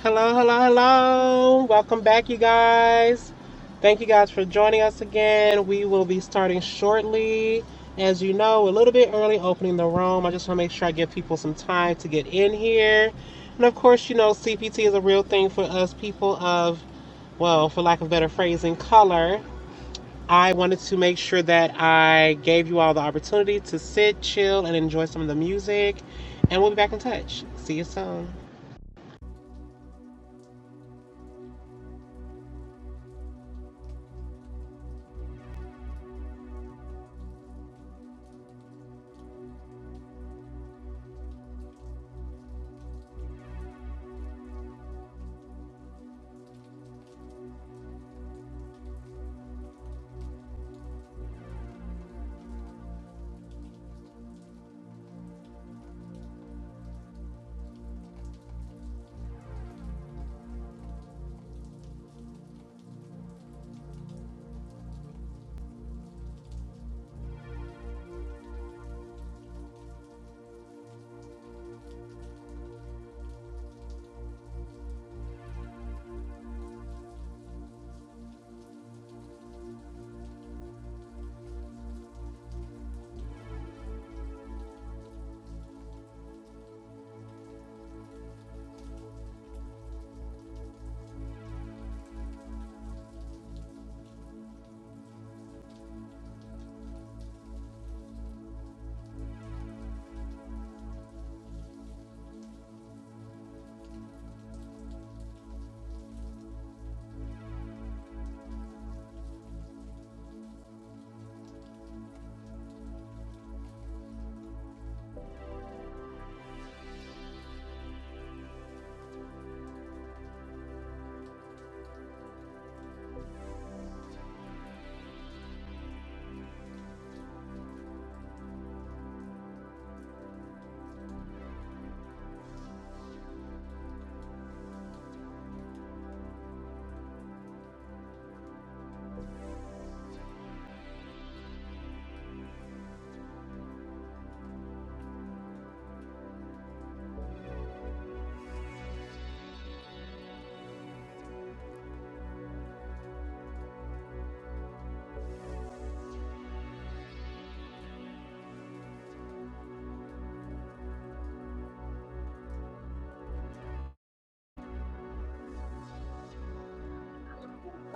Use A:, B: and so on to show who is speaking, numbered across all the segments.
A: Hello, hello, hello. Welcome back, you guys. Thank you guys for joining us again. We will be starting shortly. As you know, a little bit early opening the room. I just want to make sure I give people some time to get in here. And of course, you know, CPT is a real thing for us people of, well, for lack of better phrasing, color. I wanted to make sure that I gave you all the opportunity to sit, chill, and enjoy some of the music. And we'll be back in touch. See you soon.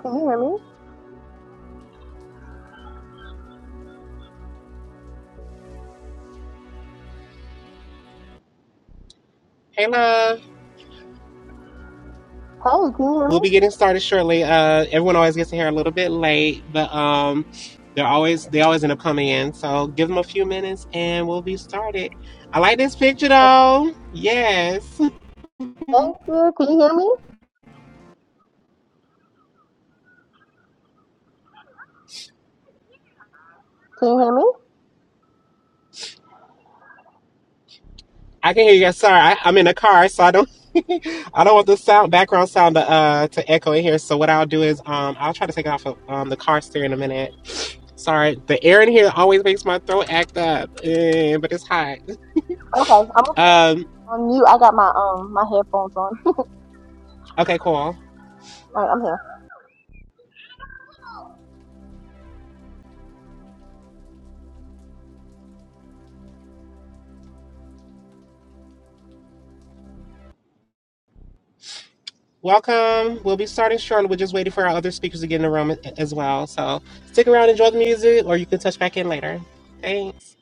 B: Can you hear me?
A: Hey, love.
B: Hey, can you hear me?
A: We'll be getting started shortly. Uh, everyone always gets here a little bit late, but um, they're always they always end up coming in. So give them a few minutes, and we'll be started. I like this picture
B: Okay.
A: though. Yes,
B: Thank you. Can you hear me? Can you hear me?
A: I can hear you guys. Sorry, I, I'm in a car, so I don't I don't want the sound background sound to uh to echo in here. So what I'll do is um I'll try to take it off of um the car stereo in a minute. Sorry, the air in here always makes my throat act up, eh, but it's hot.
B: Okay. I'm
A: Um,
B: on mute. I got my um my headphones on.
A: okay, cool.
B: All right, I'm here.
A: Welcome. We'll be starting shortly. We're just waiting for our other speakers to get in the room a- as well. So stick around, enjoy the music, or you can touch back in later. Thanks.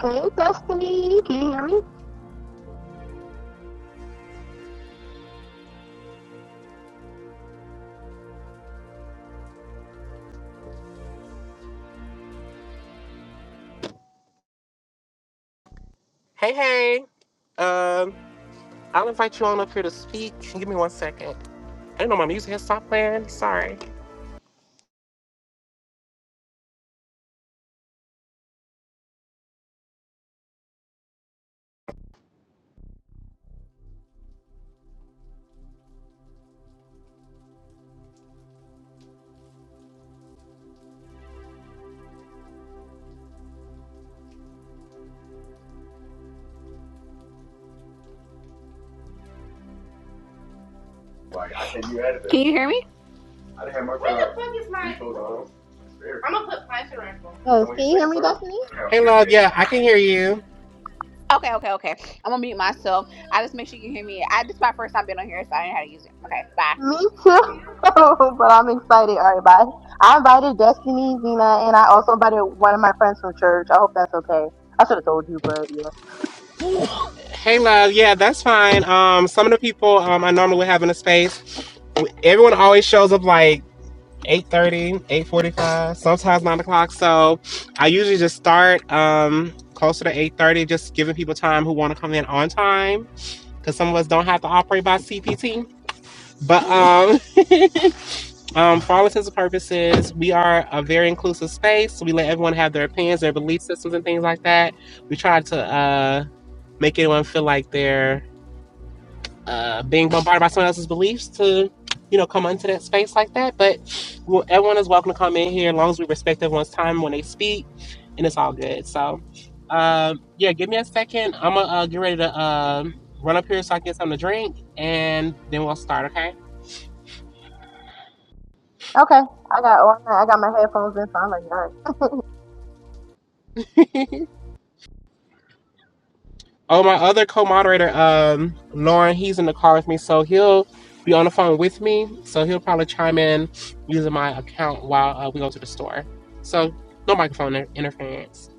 B: Hey, Destiny. Can you hear me?
A: Hey, hey. Um, I'll invite you on up here to speak. Give me one second. I didn't know my music has stopped playing. Sorry.
C: Can you hear me? Where the fuck is my? I'm gonna put Python rack over it. It's
B: Yes.
C: only
B: Can
C: his
B: you hear
C: second
B: me,
C: term.
B: Destiny?
A: Hey, love. Yeah, I can hear you.
C: Okay, okay, okay. I'm gonna mute myself. I just make sure you hear me. I this is my first time being on here, so I didn't know how to use it. Okay, bye.
B: Me too. but I'm excited. All right, bye. I invited Destiny, Zena, and I also invited one of my friends from church. I hope that's okay. I should have told you, but yeah.
A: Hey, love. Yeah, that's fine. Um, some of the people um I normally would have in the space, everyone always shows up like Eight thirty, eight forty-five, sometimes 9 o'clock so i usually just start um closer to 8.30 just giving people time who want to come in on time because some of us don't have to operate by cpt but um, um for all intents and purposes we are a very inclusive space so we let everyone have their opinions their belief systems and things like that we try to uh make anyone feel like they're uh, being bombarded by someone else's beliefs to, you know, come into that space like that. But well, everyone is welcome to come in here as long as we respect everyone's time when they speak, and it's all good. So, um, yeah, give me a second. I'm gonna uh, get ready to um, run up here so I can get something to drink, and then we'll start. Okay.
B: Okay. I got on. I got my headphones in, so I'm like, all right.
A: Oh, my other co-moderator, um, Lauren, he's in the car with me, so he'll be on the phone with me. So he'll probably chime in using my account while uh, we go to the store. So no microphone interference.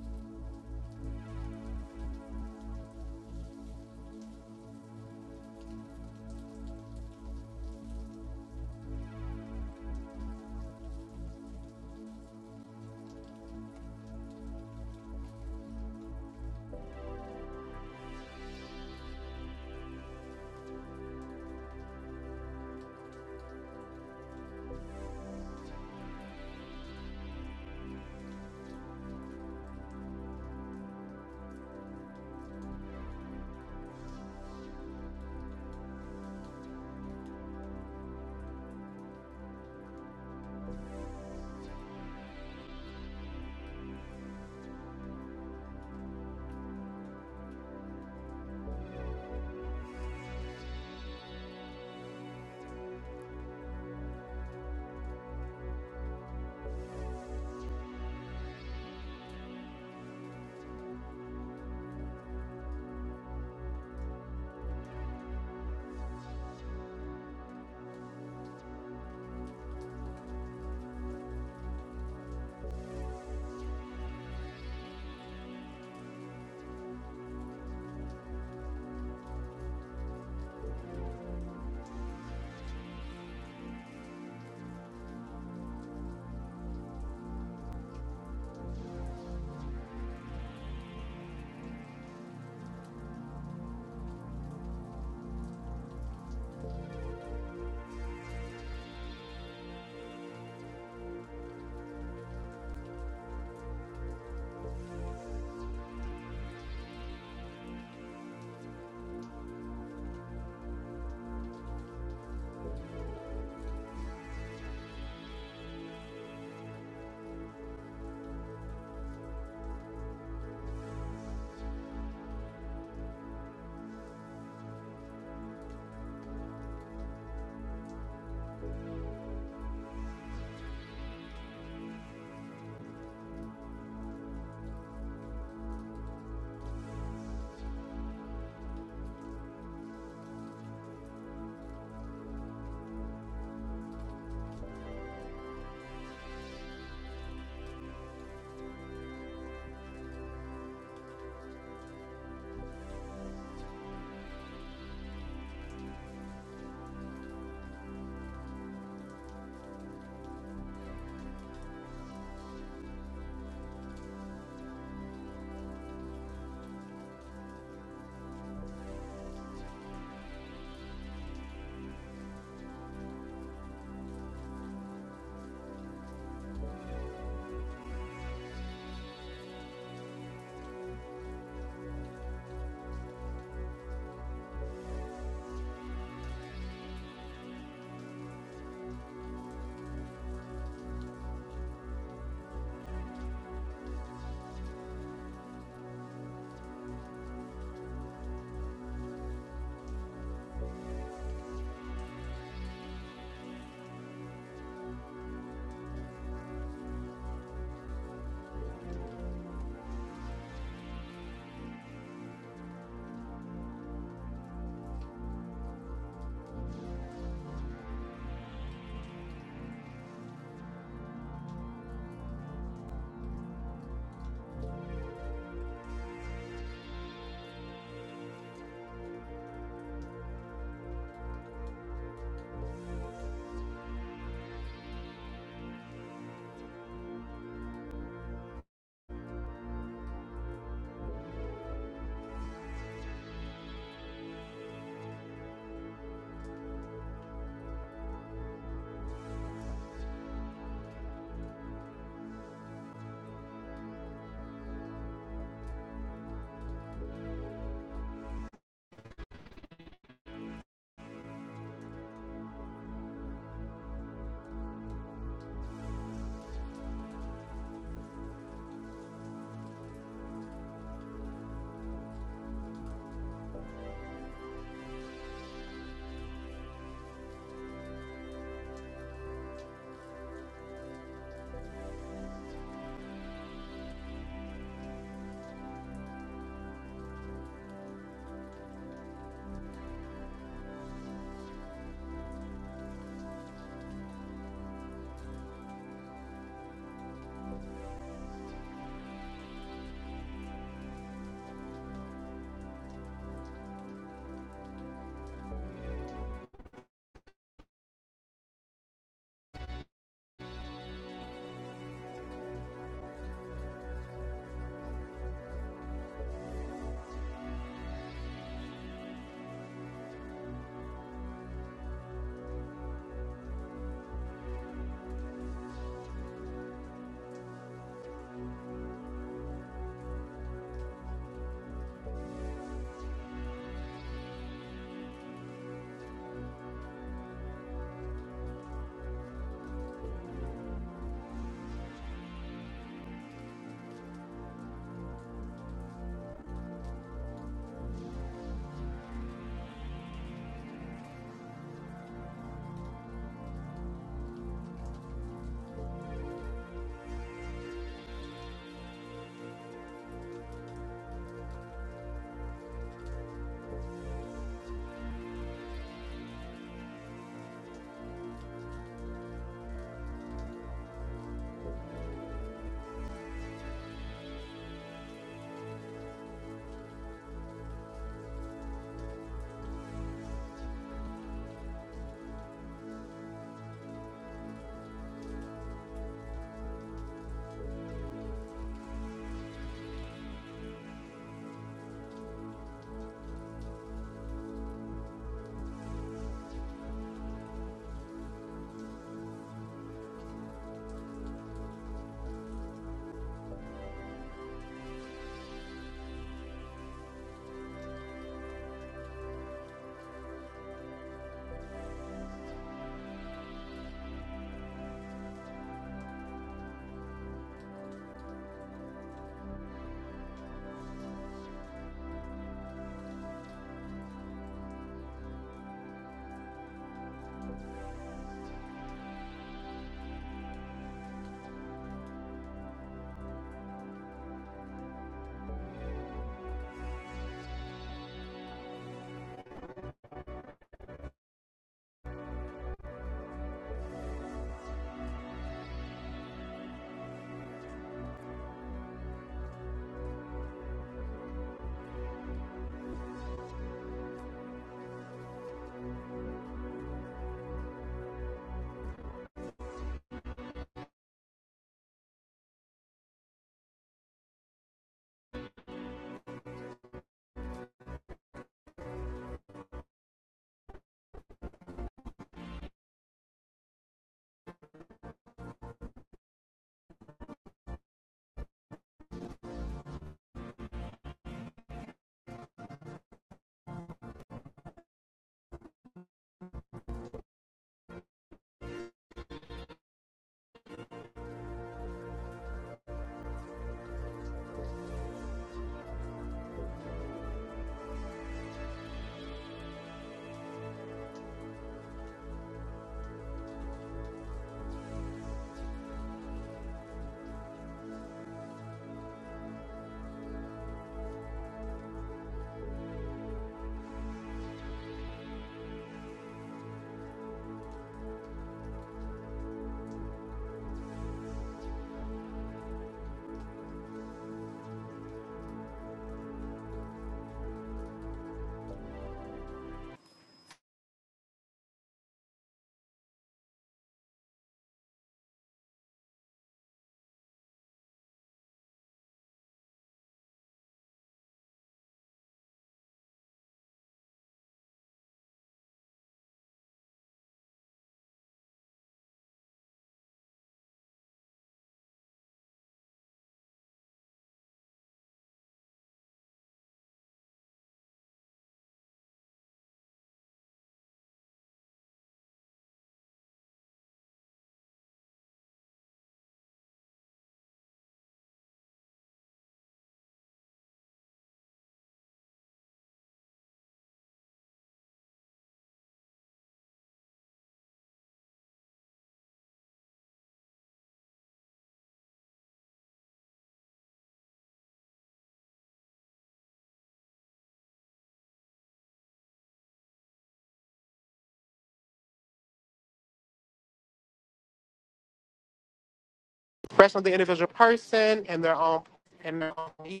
A: expression of the individual person and their own and their own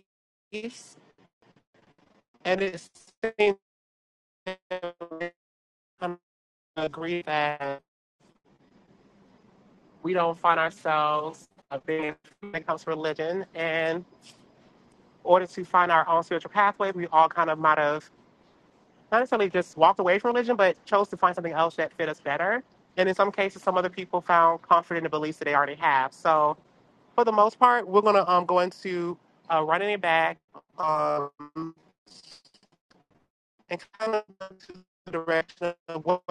A: beliefs. And it seems to agree that we don't find ourselves uh, being when it comes to religion. And in order to find our own spiritual pathway, we all kind of might have not necessarily just walked away from religion, but chose to find something else that fit us better. And in some cases, some other people found comfort in the beliefs that they already have. So for the most part, we're going to um, go into uh, running it back. Um, and kind of go to the direction of what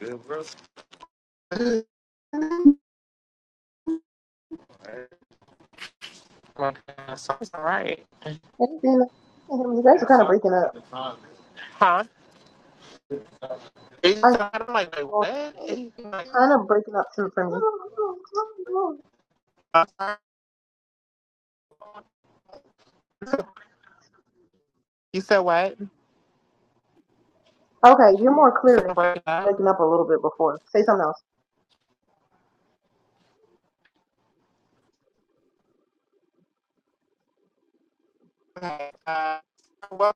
A: Good, bro. so all right.
B: Hey, Zena. You can hear me. You guys are kind of breaking up.
A: Huh?
B: I
A: so
B: hear
A: I'm like,
B: something
A: wait,
B: going
A: what?
B: on.
A: he's like,
B: Kind of breaking up too for me.
A: I'm sorry. You said what? You
B: Okay, you're more
A: said
B: clear now.
A: break
B: Breaking up a little bit before. Say something else.
A: Okay. Uh, so what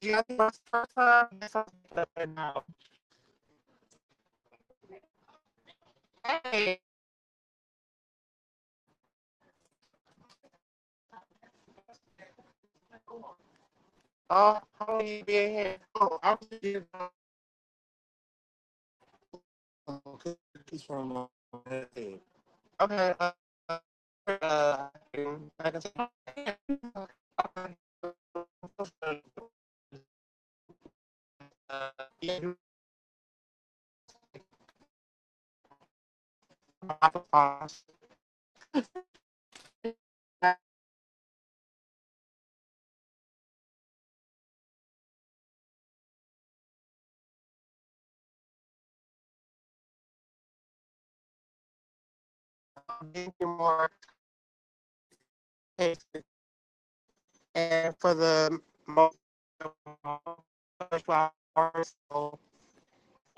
A: Did you guys see my first time? Yes, I was like, no. Hey. Oh, how long you been here? Oh, I'm just getting home. from my head. Okay. Uh, uh, I can say more And for the most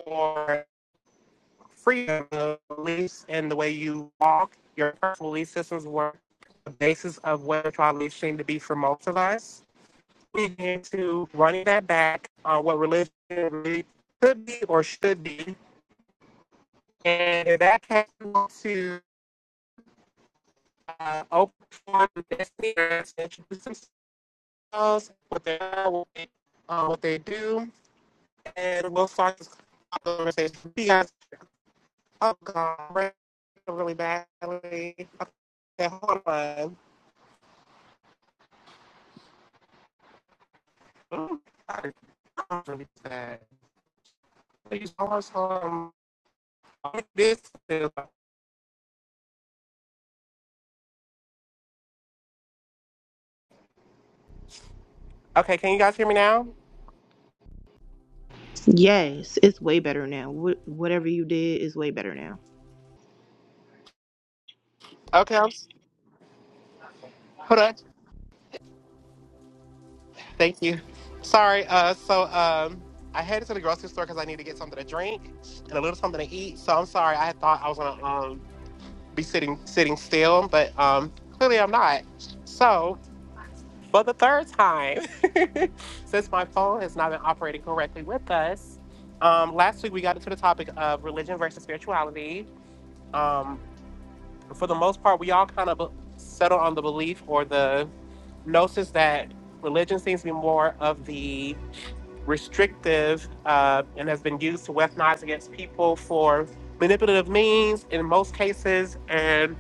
A: for freedom, of beliefs and the way you walk, your personal belief systems were the basis of what tribal beliefs seem to be for most of us. getting into running that back on what religion really could be or should be. And if that case, we want to uh, open for this year to introduce themselves, what they are, what they, uh, what they do, and we'll start this conversation. You guys, oh God, really badly. Okay, hold on. Ooh, I can't really do that. Please, hold on. This Okay, can you guys hear me now?
B: Yes, it's way better now. Wh- whatever you did is way better now.
A: Okay, I'm Hold on. Thank you. Sorry. Uh, so um, I headed to the grocery store because I need to get something to drink and a little something to eat. So I'm sorry. I thought I was gonna um be sitting sitting still, but um clearly I'm not. So for the third time, since my phone has not been operating correctly with us, um, last week we got into the topic of religion versus spirituality. Um, for the most part, we all kind of settle on the belief or the gnosis that religion seems to be more of the restrictive, uh, and has been used to weaponize against people for manipulative means in most cases. And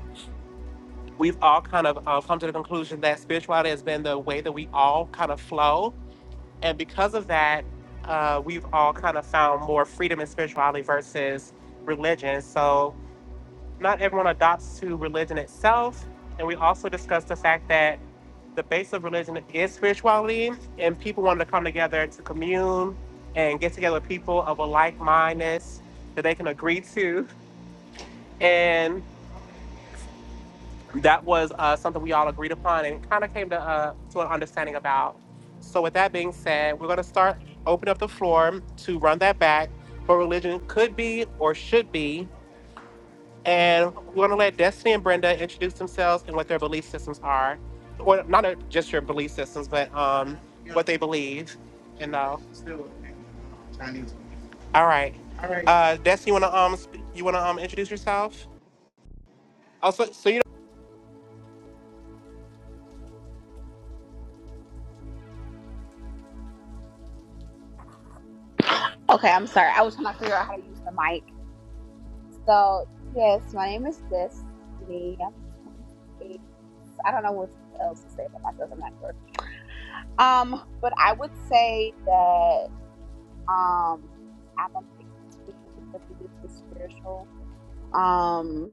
A: we've all kind of uh, come to the conclusion that spirituality has been the way that we all kind of flow. And because of that, uh, we've all kind of found more freedom in spirituality versus religion. So not everyone adopts to religion itself. And we also discussed the fact that the base of religion is spirituality, and people wanted to come together to commune and get together with people of a like mindedness that they can agree to. And that was uh, something we all agreed upon and kind of came to, uh, to an understanding about. So, with that being said, we're going to start open up the floor to run that back. What religion could be or should be And we're going to let Destiny and Brenda introduce themselves and what their belief systems are. Or not uh, just your belief systems, but um, what they believe. And uh, all right. All right. Uh, Destiny, you want to um, sp- you want to um, introduce yourself? Also, so you know,
C: Okay, I'm sorry. I was trying to figure out how to use the mic. So yes, my name is Destiny. I'm 28. I don't know what else to say about myself. I'm not sure. Um, but I would say that. Um, I'm a mix between religious and spiritual. Um,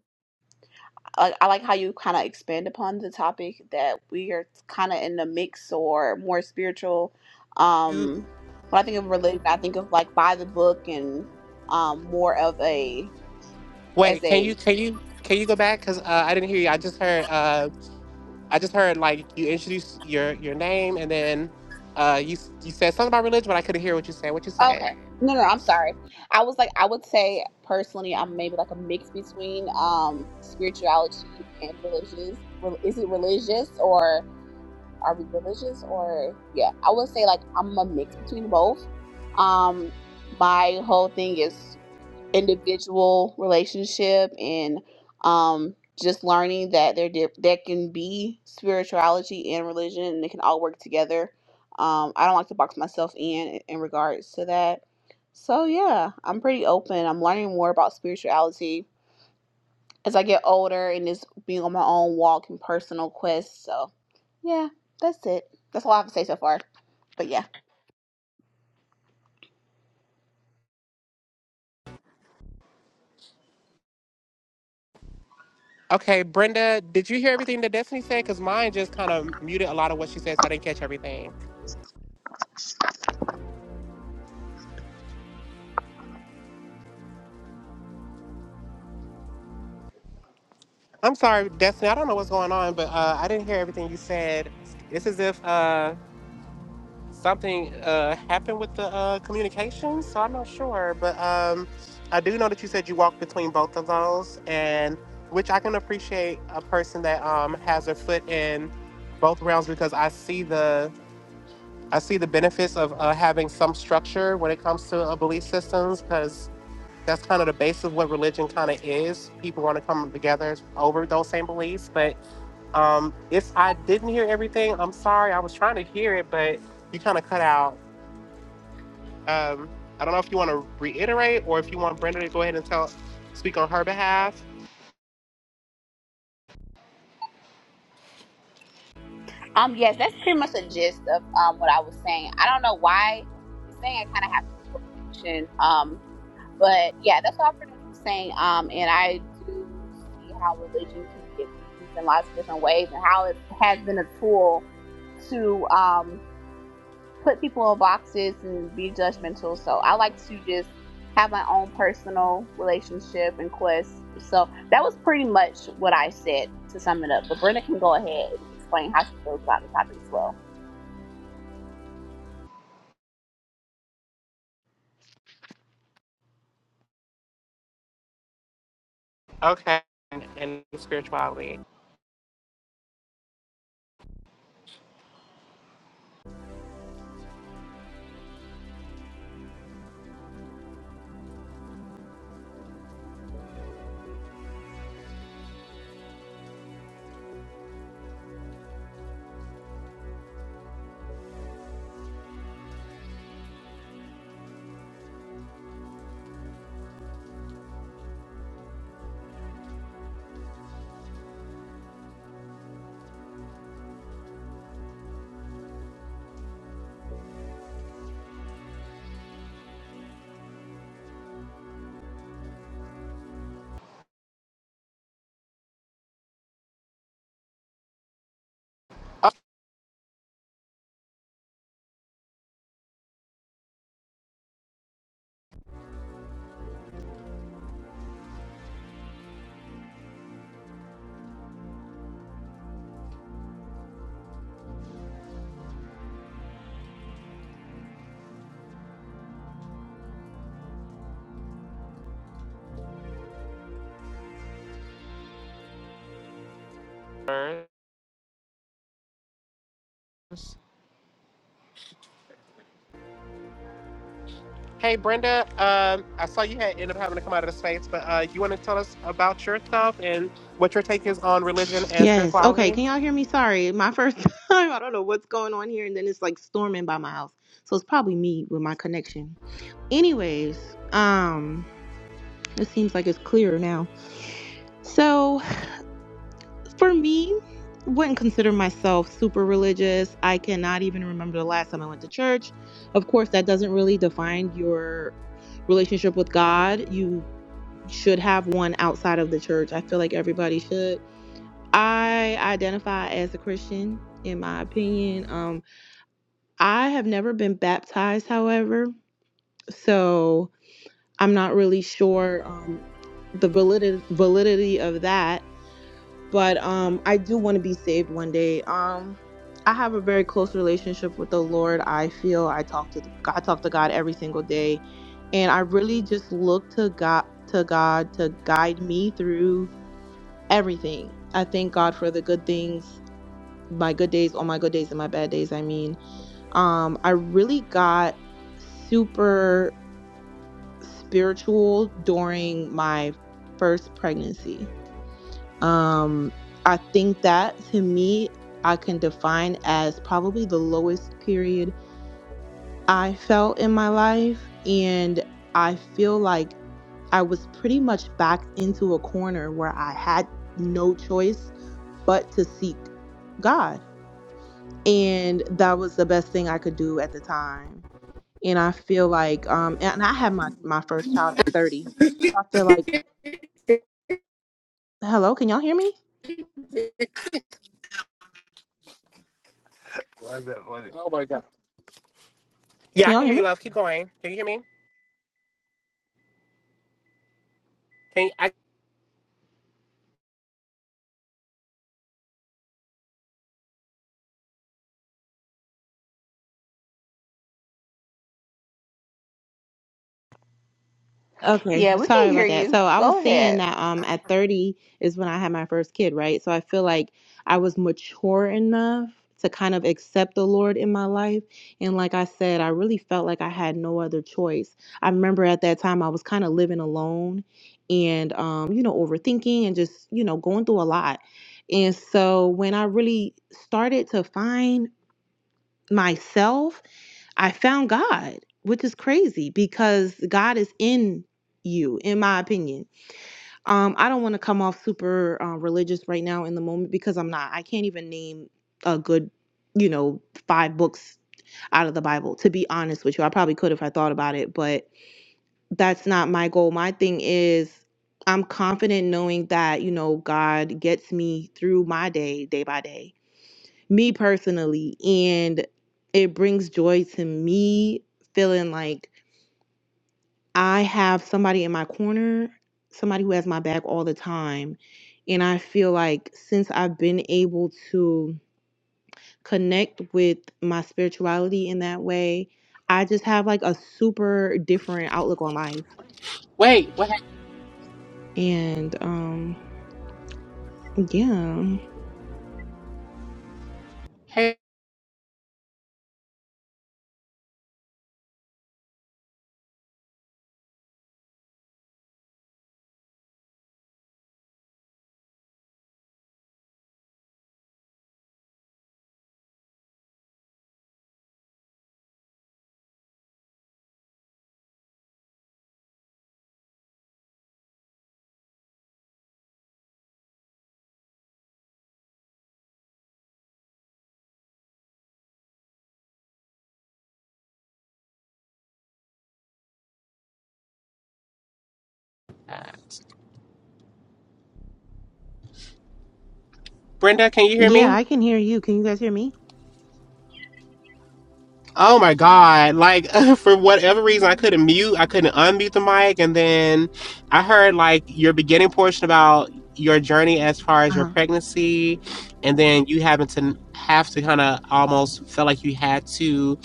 C: I, I like how you kind of expand upon the topic that we are kind of in the mix or more spiritual.
A: you
C: Um, when I think of religion, I think of like by the book and um, more of a as
A: wait. Can you
C: a
A: can you can you go back? Cause uh, I didn't hear you. I just heard uh, I just heard like you introduced your your name and then uh, you you said something about religion, but I couldn't hear what you said. What you said?
C: okay. No, no, I'm sorry. I was like, I would say personally, I'm maybe like a mix between um spirituality and religious. Rel- Is it religious or? are we religious or yeah i would say like i'm a mix between both um my whole thing is individual relationship and um just learning that there did there can be spirituality and religion and they can all work together um i don't like to box myself in in regards to that so yeah i'm pretty open i'm learning more about spirituality as I get older and just being on my own walk and personal quest. So, yeah, that's it. That's all I have to say so far. But yeah,
A: Okay, Brenda, did you hear everything that Destiny said? Because mine just kind of muted a lot of what she said, so I didn't catch everything. I'm sorry, Destiny. I don't know what's going on, but uh, I didn't hear everything you said. It's as if uh, something uh, happened with the uh, communication, so I'm not sure. But um, I do know that you said you walked between both of those, and which I can appreciate a person that um, has their foot in both realms because I see the I see the benefits of uh, having some structure when it comes to uh, belief systems because that's kind of the basis of what religion kind of is. People want to come together over those same beliefs. But um, if I didn't hear everything, I'm sorry. I was trying to hear it, but you kind of cut out. Um, I don't know if you want to reiterate or if you want Brenda to go ahead and tell, speak on her behalf.
C: um, yes, that's pretty much the gist of um what I was saying. I don't know why it's saying I kind of have poor connection. Um, but yeah, that's all I pretty much was saying. Um, and I do see how religion can be abused in lots of different ways and how it has been a tool to um put people in boxes and be judgmental. So I like to just have my own personal relationship and quest. So that was pretty much what I said to sum it up. But Brenda can go ahead and explain how she feels about the topic as well.
A: Okay, and, and spirituality. Uh, Hey Brenda, um, I saw you had ended up having to come out of the space, but uh, you want to tell us about yourself and what your take is on religion and
B: Yes. Okay.
A: spirituality?
B: Can y'all hear me? Sorry, my first time. I don't know what's going on here, and then it's like storming by my house, so it's probably me with my connection. Anyways, um, it seems like it's clearer now. So For me, wouldn't consider myself super religious. I cannot even remember the last time I went to church. Of course, that doesn't really define your relationship with God. You should have one outside of the church. I feel like everybody should. I identify as a Christian in my opinion. Um I have never been baptized, however, so I'm not really sure um the validity validity of that but um I do want to be saved one day. Um I have a very close relationship with the Lord. I feel I talk to the, I talk to God every single day and I really just look to God to God to guide me through everything. I thank God for the good things, my good days, all my good days and my bad days, I mean. Um I really got super spiritual during my first pregnancy um, I think that to me, I can define as probably the lowest period I felt in my life. And I feel like I was pretty much backed into a corner where I had no choice but to seek God. And that was the best thing I could do at the time. And I feel like, um, and I had my, my first child at 30. So I feel like, hello, can y'all hear me?
A: Yeah,
B: Can
A: I
B: y'all
A: can
B: hear
A: hear
B: me?
A: you, love. Keep going. Can you hear me? Can you, I
B: Okay,
C: Yeah, we
B: sorry
C: can hear
B: about that.
C: you.
B: So I was
C: Go
B: saying
C: ahead.
B: that um at 30 is when I had my first kid, right? So I feel like I was mature enough to kind of accept the Lord in my life. And like I said, I really felt like I had no other choice. I remember at that time I was kind of living alone and um you know overthinking and just, you know, going through a lot. And so when I really started to find myself I found God, which is crazy because God is in you, in my opinion. Um, I don't want to come off super uh, religious right now in the moment because I'm not. I can't even name a good, you know, five books out of the Bible, to be honest with you. I probably could if I thought about it, but that's not my goal. My thing is. I'm confident knowing that, you know, God gets me through my day, day by day me personally and it brings joy to me feeling like i have somebody in my corner somebody who has my back all the time and i feel like since i've been able to connect with my spirituality in that way i just have like a super different outlook on life
A: wait? What? hap-
B: and um yeah
A: Hey, Brenda, can you hear
B: yeah
A: me?
B: i can hear you can you guys hear me
A: Oh my God! Like for whatever reason, I couldn't mute. I couldn't unmute the mic, and then I heard like your beginning portion about your journey as far as your
B: uh-huh
A: pregnancy, and then you having to have to kind of almost felt like you had to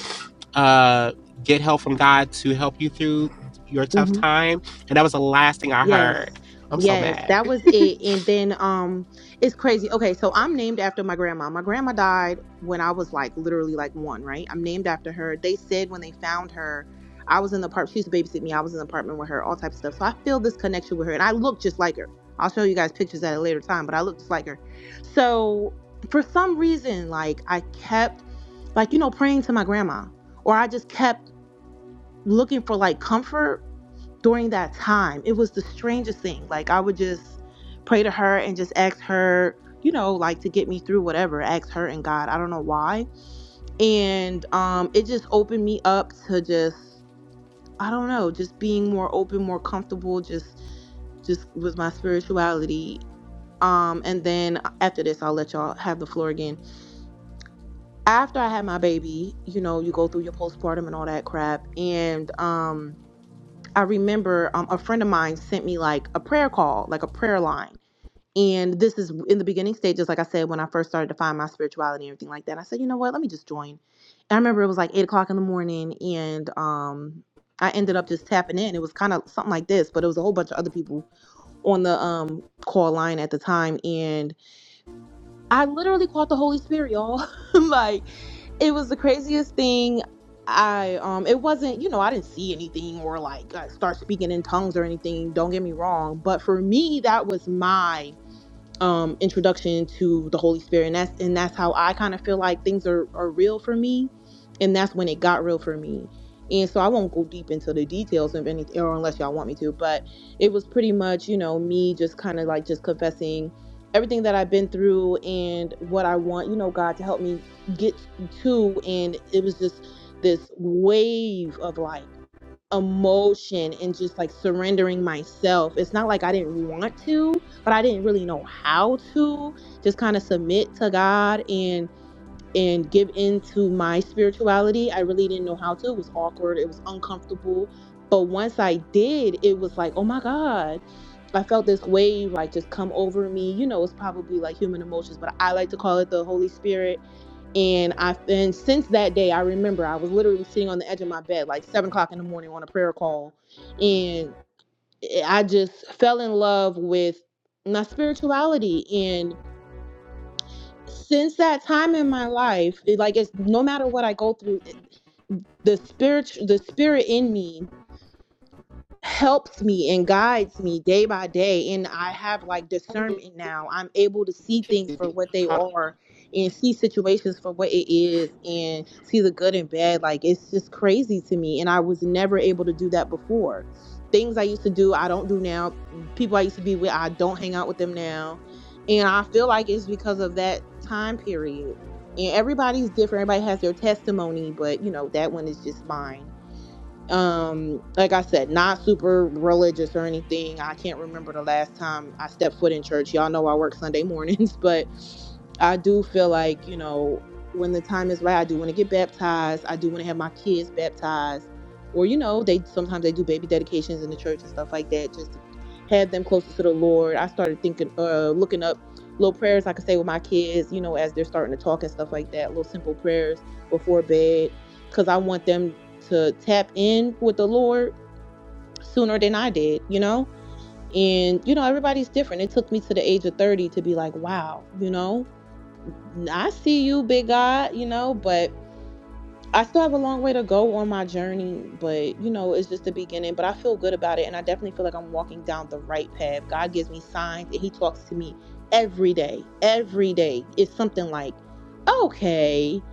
A: uh, get help from God to help you through your tough time, and that was the last thing I
B: Yes.
A: heard. I'm so
B: Yes, that
A: mad.
B: was it. And then um it's crazy. Okay, so I'm named after my grandma. My grandma died when I was like literally like one, right? I'm named after her. They said when they found her, I was in the apartment. She used to babysit me. I was in the apartment with her, all types of stuff. So I feel this connection with her. And I look just like her. I'll show you guys pictures at a later time, but I look just like her. So for some reason, like I kept like, you know, praying to my grandma. Or I just kept looking for like comfort during that time. It was the strangest thing. Like I would just pray to her and just ask her, you know, like to get me through whatever, ask her and God. I don't know why. And um it just opened me up to just I don't know, just being more open, more comfortable just just with my spirituality. Um and then after this I'll let y'all have the floor again. After I had my baby, you know, you go through your postpartum and all that crap and um I remember um, a friend of mine sent me like a prayer call, like a prayer line. And this is in the beginning stages, like I said, when I first started to find my spirituality and everything like that. I said, you know what, let me just join. And I remember it was like eight o'clock in the morning, and um, I ended up just tapping in. It was kind of something like this, but it was a whole bunch of other people on the um, call line at the time. and. I literally caught the Holy Spirit, y'all. like it was the craziest thing. I um it wasn't, you know, I didn't see anything or like uh, start speaking in tongues or anything, don't get me wrong, but for me that was my um, introduction to the Holy Spirit, and that's and that's how I kind of feel like things are are real for me, and that's when it got real for me. And so I won't go deep into the details of anything, or unless y'all want me to. But it was pretty much, you know, me just kind of like just confessing everything that I've been through and what I want, you know, God to help me get to. And it was just this wave of like emotion and just like surrendering myself. It's not like I didn't want to, but I didn't really know how to just kind of submit to God and and give into my spirituality. I really didn't know how to. It was awkward, it was uncomfortable. But once I did, it was like, "Oh my god, I felt this wave like just come over me. You know, it's probably like human emotions, but I like to call it the Holy Spirit and I and since that day, I remember I was literally sitting on the edge of my bed, like seven o'clock in the morning, on a prayer call, and I just fell in love with my spirituality. And since that time in my life, it, like it's no matter what I go through, it- the spirit, the spirit in me helps me and guides me day by day and i have like discernment now i'm able to see things for what they are and see situations for what it is and see the good and bad like it's just crazy to me and i was never able to do that before things i used to do i don't do now people i used to be with i don't hang out with them now and i feel like it's because of that time period and everybody's different everybody has their testimony but you know that one is just mine um like i said not super religious or anything i can't remember the last time i stepped foot in church y'all know i work sunday mornings but i do feel like you know when the time is right i do want to get baptized i do want to have my kids baptized or you know they sometimes they do baby dedications in the church and stuff like that just to have them closer to the lord i started thinking uh looking up little prayers i could say with my kids you know as they're starting to talk and stuff like that little simple prayers before bed because I want them to tap in with the Lord sooner than I did, you know? And, you know, everybody's different. It took me to the age of 30 to be like, wow, you know, I see you, big God, you know, but I still have a long way to go on my journey, but you know, it's just the beginning. But I feel good about it, and I definitely feel like I'm walking down the right path. God gives me signs, and He talks to me every day. Every day, it's something like, okay,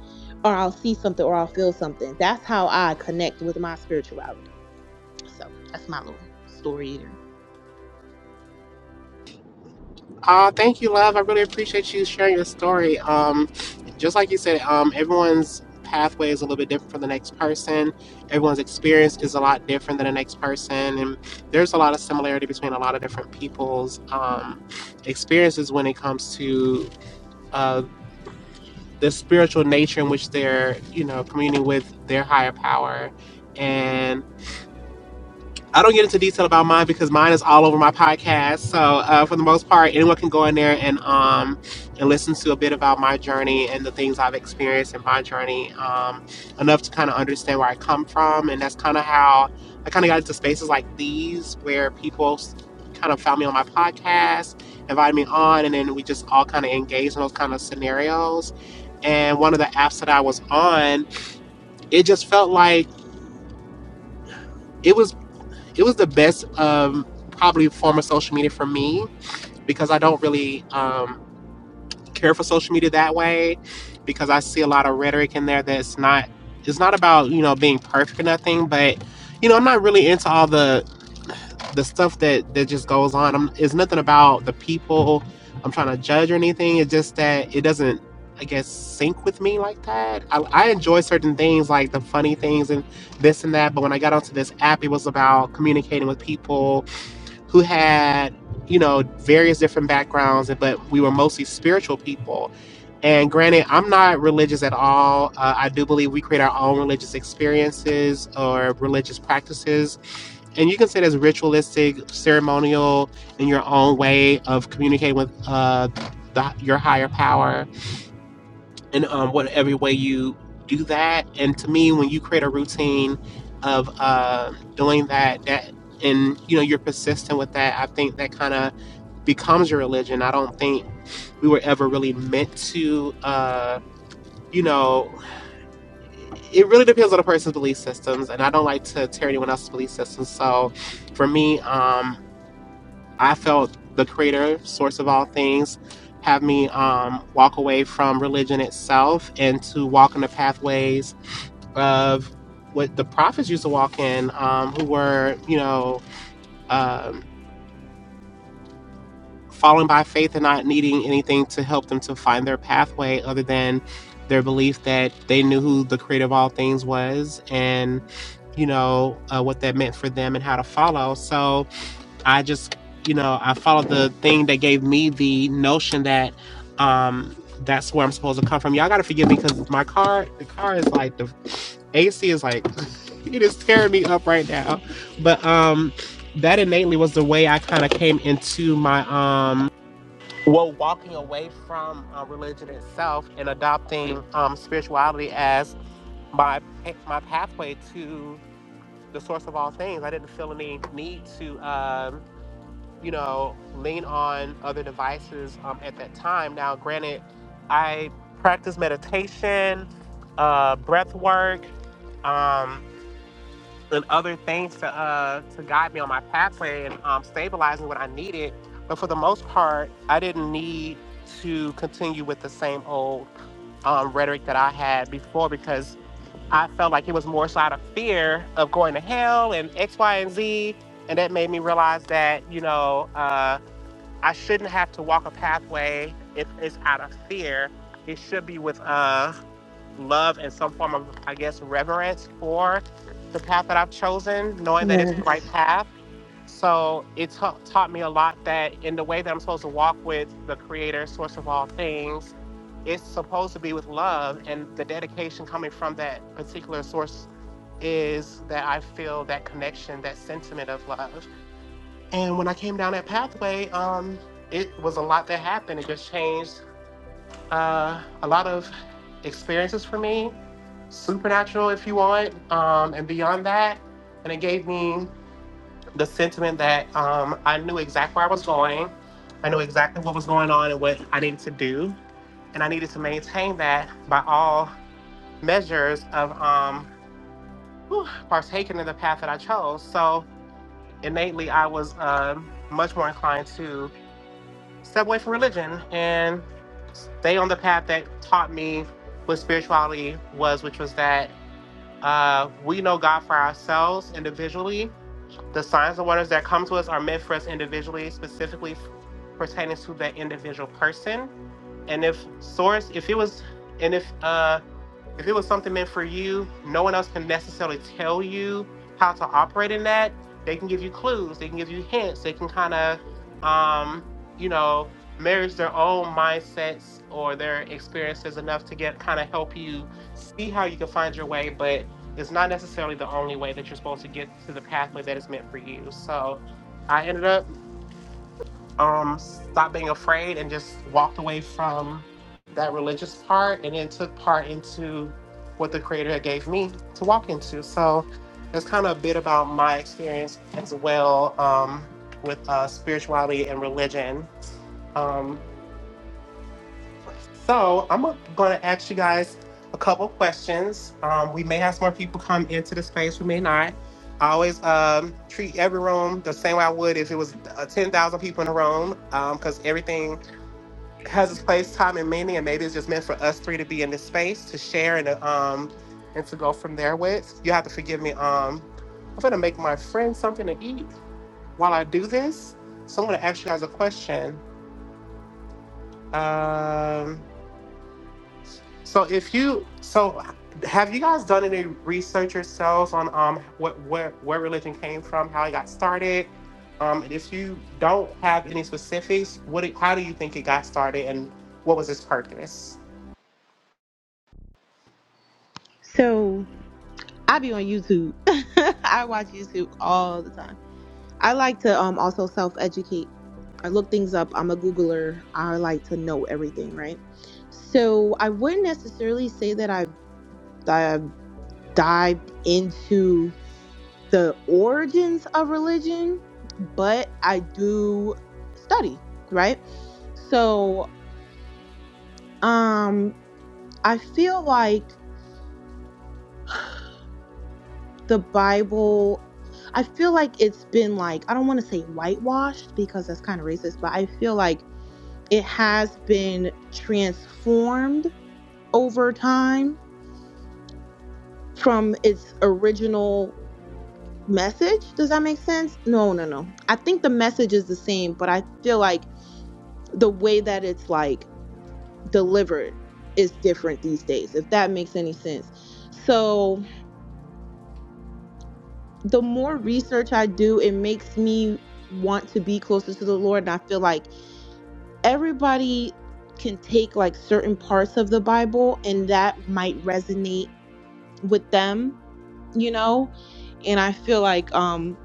B: or I'll see something, or I'll feel something. That's how I connect with my spirituality. So that's my little story there.
A: Uh, thank you, love. I really appreciate you sharing your story. Um, just like you said, um, everyone's pathway is a little bit different from the next person. Everyone's experience is a lot different than the next person, and there's a lot of similarity between a lot of different people's um, experiences when it comes to uh, the spiritual nature in which they're, you know, communing with their higher power. I don't get into detail about mine because mine is all over my podcast. So uh, for the most part, anyone can go in there and um and listen to a bit about my journey and the things I've experienced in my journey um, enough to kind of understand where I come from, and that's kind of how I kind of got into spaces like these where people kind of found me on my podcast, invited me on, and then we just all kind of engaged in those kind of scenarios. And one of the apps that I was on, it just felt like. it was it was the best um, probably form of social media for me because I don't really um, care for social media that way because I see a lot of rhetoric in there that's not it's not about you know being perfect or nothing but you know I'm not really into all the the stuff that that just goes on I'm, it's nothing about the people I'm trying to judge or anything it's just that it doesn't I guess sync with me like that I, I enjoy certain things like the funny things and this and that but when I got onto this app it was about communicating with people who had you know various different backgrounds but we were mostly spiritual people and granted i'm not religious at all uh, i do believe we create our own religious experiences or religious practices and you can say that's ritualistic ceremonial in your own way of communicating with uh, the, your higher power in um, whatever way you do that. And to me, when you create a routine of uh, doing that, that and you know you're persistent with that, I think that kind of becomes your religion. I don't think we were ever really meant to, uh, you know. It really depends on the person's belief systems, and I don't like to tear anyone else's belief systems. So, for me, um, I felt the creator, source of all things, have me um, walk away from religion itself and to walk in the pathways of what the prophets used to walk in, um, who were, you know, um, falling by faith and not needing anything to help them to find their pathway other than their belief that they knew who the creator of all things was and, you know, uh, what that meant for them and how to follow. So, I just, you know, I followed the thing that gave me the notion that um that's where I'm supposed to come from. Y'all gotta forgive me because my car, the car is like the AC is like it is tearing me up right now. But um that innately was the way I kind of came into my um well walking away from uh, religion itself and adopting um spirituality as my my pathway to the source of all things. I didn't feel any need to um you know, lean on other devices um, at that time. Now, granted, I practice meditation, uh, breath work, um, and other things to uh, to guide me on my pathway and um, stabilizing what I needed. But for the most part, I didn't need to continue with the same old um, rhetoric that I had before because I felt like it was more so out of fear of going to hell and X, Y, and Z. And that made me realize that, you know, uh, I shouldn't have to walk a pathway if it's out of fear. It should be with uh, love and some form of, I guess, reverence for the path that I've chosen, knowing that it's the right
B: Yes.
A: path. So it ta- taught me a lot that in the way that I'm supposed to walk with the Creator, source of all things, it's supposed to be with love. And the dedication coming from that particular source is that I feel that connection, that sentiment of love. And when I came down that pathway, um, it was a lot that happened. It just changed uh, a lot of experiences for me, supernatural, if you want, um, and beyond that. And it gave me the sentiment that um, I knew exactly where I was going. I knew exactly what was going on and what I needed to do. And I needed to maintain that by all measures of um, whew, partaking in the path that I chose. So innately, I was um much more inclined to step away from religion and stay on the path that taught me what spirituality was, which was that uh, we know God for ourselves individually. The signs and wonders that come to us are meant for us individually, specifically pertaining to that individual person and if source if it was and if uh if it was something meant for you no one else can necessarily tell you how to operate in that they can give you clues they can give you hints they can kind of um you know marriage their own mindsets or their experiences enough to get kind of help you see how you can find your way but it's not necessarily the only way that you're supposed to get to the pathway that is meant for you so i ended up um, stopped being afraid and just walked away from that religious part and then took part into what the creator had gave me to walk into. So that's kind of a bit about my experience as well um, with uh, spirituality and religion. Um, so I'm going to ask you guys a couple questions. Um, we may have some more people come into the space, we may not. I always um, treat every room the same way I would if it was uh, 10,000 people in a room because everything has its place, time, and meaning, and maybe it's just meant for us three to be in this space to share and to, um and to go from there with. You have to forgive me. Um, I'm gonna make my friend something to eat while I do this. So I'm gonna ask you guys a question. Um, so if you so have you guys done any research yourselves on um what where where religion came from, how it got started? Um, and if you don't have any specifics, what do- how do you think it got started, and what was its purpose?
B: So I be on YouTube. I watch YouTube all the time. I like to um also self educate. I look things up. I'm a Googler. I like to know everything, right? So I wouldn't necessarily say that I've that I've dived into the origins of religion, but I do study, right? So um I feel like the Bible I feel like it's been like I don't want to say whitewashed because that's kind of racist, but I feel like It has been transformed over time from its original message. Does that make sense? No, no, no. I think the message is the same, but I feel like the way that it's like delivered is different these days, if that makes any sense. So the more research I do, it makes me want to be closer to the Lord. And I feel like everybody can take like certain parts of the Bible and that might resonate with them, you know? And I feel like um,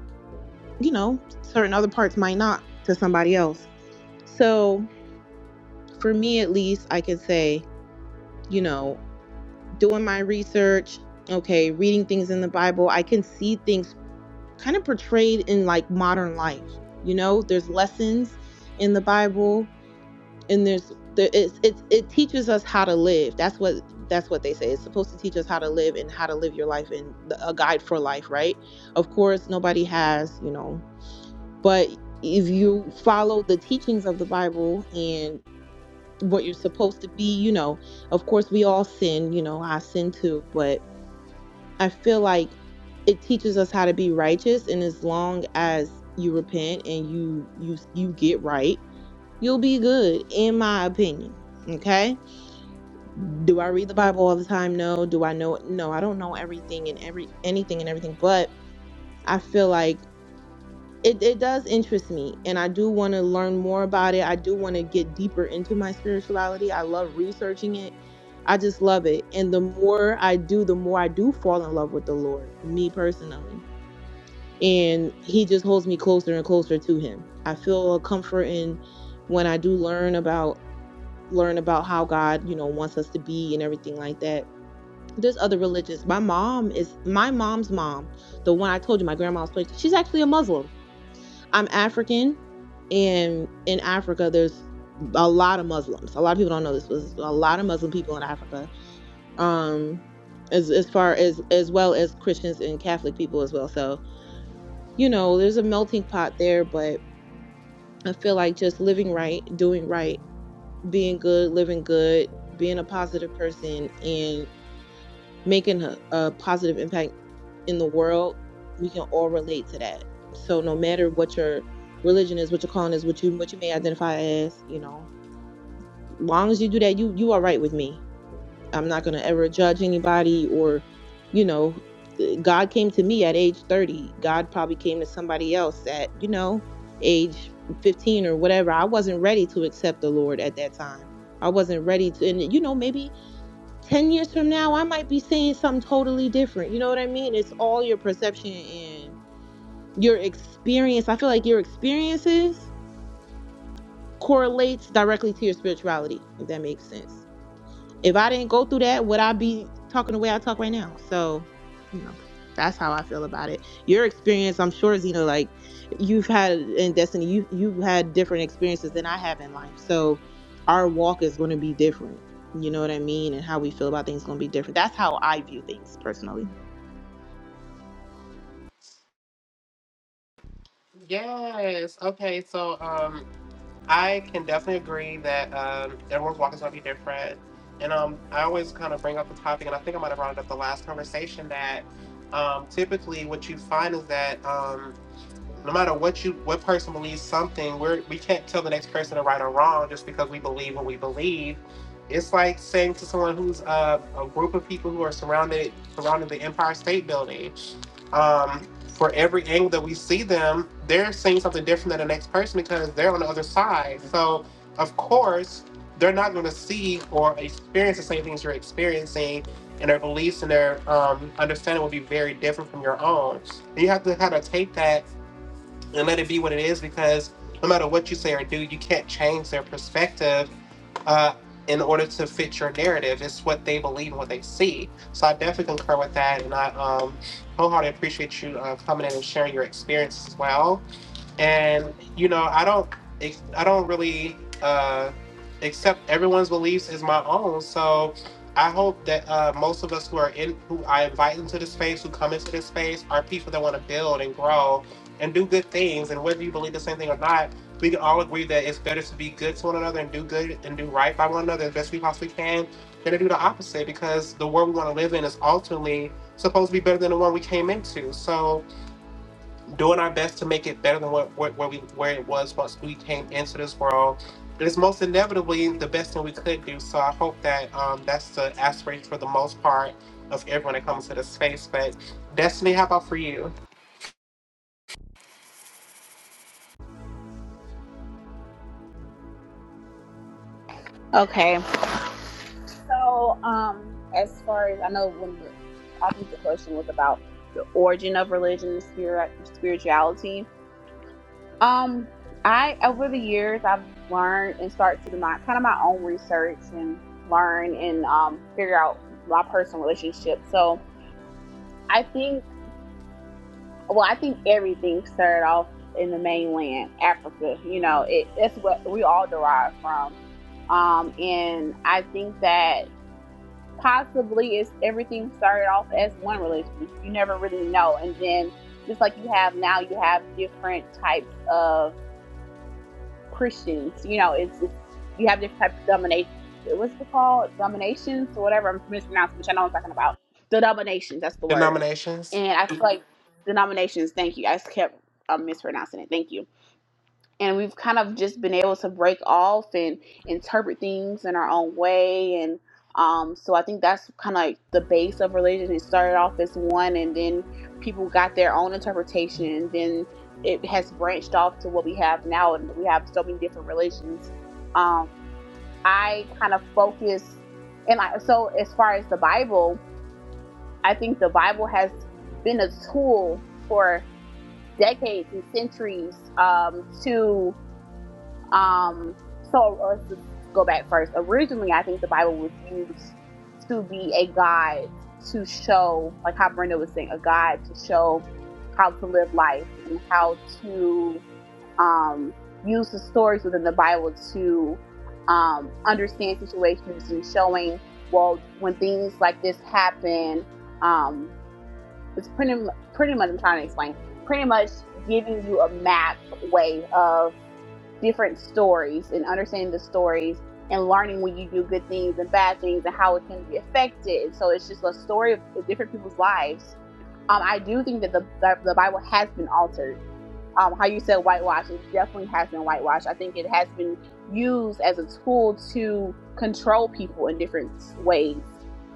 B: you know, certain other parts might not to somebody else. So, for me at least, I can say, you know, doing my research, okay, reading things in the Bible, I can see things kind of portrayed in like modern life. You know, there's lessons in the Bible and there's there it's, it's it teaches us how to live that's what that's what they say it's supposed to teach us how to live and how to live your life and the, a guide for life right of course nobody has you know but if you follow the teachings of the bible and what you're supposed to be you know of course we all sin you know i sin too but i feel like it teaches us how to be righteous and as long as you repent and you you you get right you'll be good in my opinion okay do I read the Bible all the time? No. Do I know? No, I don't know everything and every anything and everything, but I feel like it, it does interest me and I do want to learn more about it. I do want to get deeper into my spirituality. I love researching it. I just love it. And the more I do, the more I do fall in love with the Lord, me personally. And he just holds me closer and closer to him. I feel a comfort in when I do learn about learn about how God, you know, wants us to be and everything like that there's other religions. My mom is my mom's mom, the one I told you, my grandma's place. She's actually a Muslim. I'm African, and in Africa, there's a lot of Muslims. A lot of people don't know this, but there's a lot of Muslim people in Africa. Um, as as far as as well as Christians and Catholic people as well. So you know, there's a melting pot there. But I feel like just living right, doing right, being good, living good, being a positive person, and making a, a positive impact in the world, we can all relate to that. So no matter what your religion is, what your calling is, what you what you may identify as, you know, long as you do that, you you are right with me. I'm not gonna ever judge anybody or, you know, eh, God came to me at age 30. God probably came to somebody else at, you know, age 15 or whatever. I wasn't ready to accept the Lord at that time. I wasn't ready to, and you know, maybe 10 years from now, I might be saying something totally different. You know what I mean? It's all your perception and your experience. I feel like your experiences correlates directly to your spirituality, if that makes sense. If I didn't go through that, would I be talking the way I talk right now? So, you know, that's how I feel about it. Your experience, I'm sure, Zeno, like you've had in Destiny, you you've had different experiences than I have in life. So our walk is going to be different. You know what I mean? And how we feel about things is going to be different. That's how I view things personally.
A: Yes. Okay. So um, I can definitely agree that um, everyone's walk is going to be different. And um, I always kind of bring up the topic, and I think I might have brought it up the last conversation that um, typically what you find is that um, no matter what you what person believes something, we're we can't tell the next person to right or wrong just because we believe what we believe. It's like saying to someone who's uh, a group of people who are surrounded surrounding the Empire State Building um, for every angle that we see them, they're seeing something different than the next person because they're on the other side. So, of course, they're not going to see or experience the same things you're experiencing, and their beliefs and their um, understanding will be very different from your own. And you have to kind of take that and let it be what it is because no matter what you say or do, you can't change their perspective uh, in order to fit your narrative. It's what they believe and what they see. So I definitely concur with that, and I um, wholeheartedly appreciate you uh, coming in and sharing your experience as well and you know i don't ex- i don't really uh accept everyone's beliefs as my own so i hope that uh most of us who are in who i invite into this space who come into this space are people that want to build and grow and do good things and whether you believe the same thing or not we can all agree that it's better to be good to one another and do good and do right by one another as best we possibly can than to do the opposite because the world we want to live in is ultimately supposed to be better than the one we came into so doing our best to make it better than what, what where we where it was once we came into this world. But it's most inevitably the best thing we could do. So I hope that um, that's the aspiration for the most part of everyone that comes to this space. But Destiny, how about for you?
C: Okay. So, um, as far as I know, when the, I think the question was about the origin of religion and spirit, spirituality. Um, I over the years I've learned and started to do my kind of my own research and learn and um figure out my personal relationship. So I think well, I think everything started off in the mainland Africa. You know, it that's what we all derive from. Um, and I think that possibly it's everything started off as one religion. You never really know, and then just like you have now, you have different types of Christians. You know, it's, it's you have different types of domination. What's it called? Dominations or whatever. I'm mispronouncing, which I know I'm talking about. Denominations. That's the word.
A: Denominations.
C: And I feel like denominations. Thank you. I just kept um, mispronouncing it. Thank you and we've kind of just been able to break off and interpret things in our own way and um, so i think that's kind of like the base of religion it started off as one and then people got their own interpretation and then it has branched off to what we have now and we have so many different religions um, i kind of focus and I, so as far as the bible i think the bible has been a tool for decades and centuries um, to um, so uh, let's just go back first. Originally, I think the Bible was used to be a guide to show, like how Brenda was saying, a guide to show how to live life and how to um, use the stories within the Bible to um, understand situations and showing, well, when things like this happen, um, it's pretty, pretty much, I'm trying to explain, pretty much giving you a map way of different stories and understanding the stories and learning when you do good things and bad things and how it can be affected. So it's just a story of different people's lives. Um, I do think that the, the the Bible has been altered um, how you said whitewash, it definitely has been whitewashed. I think it has been used as a tool to control people in different ways,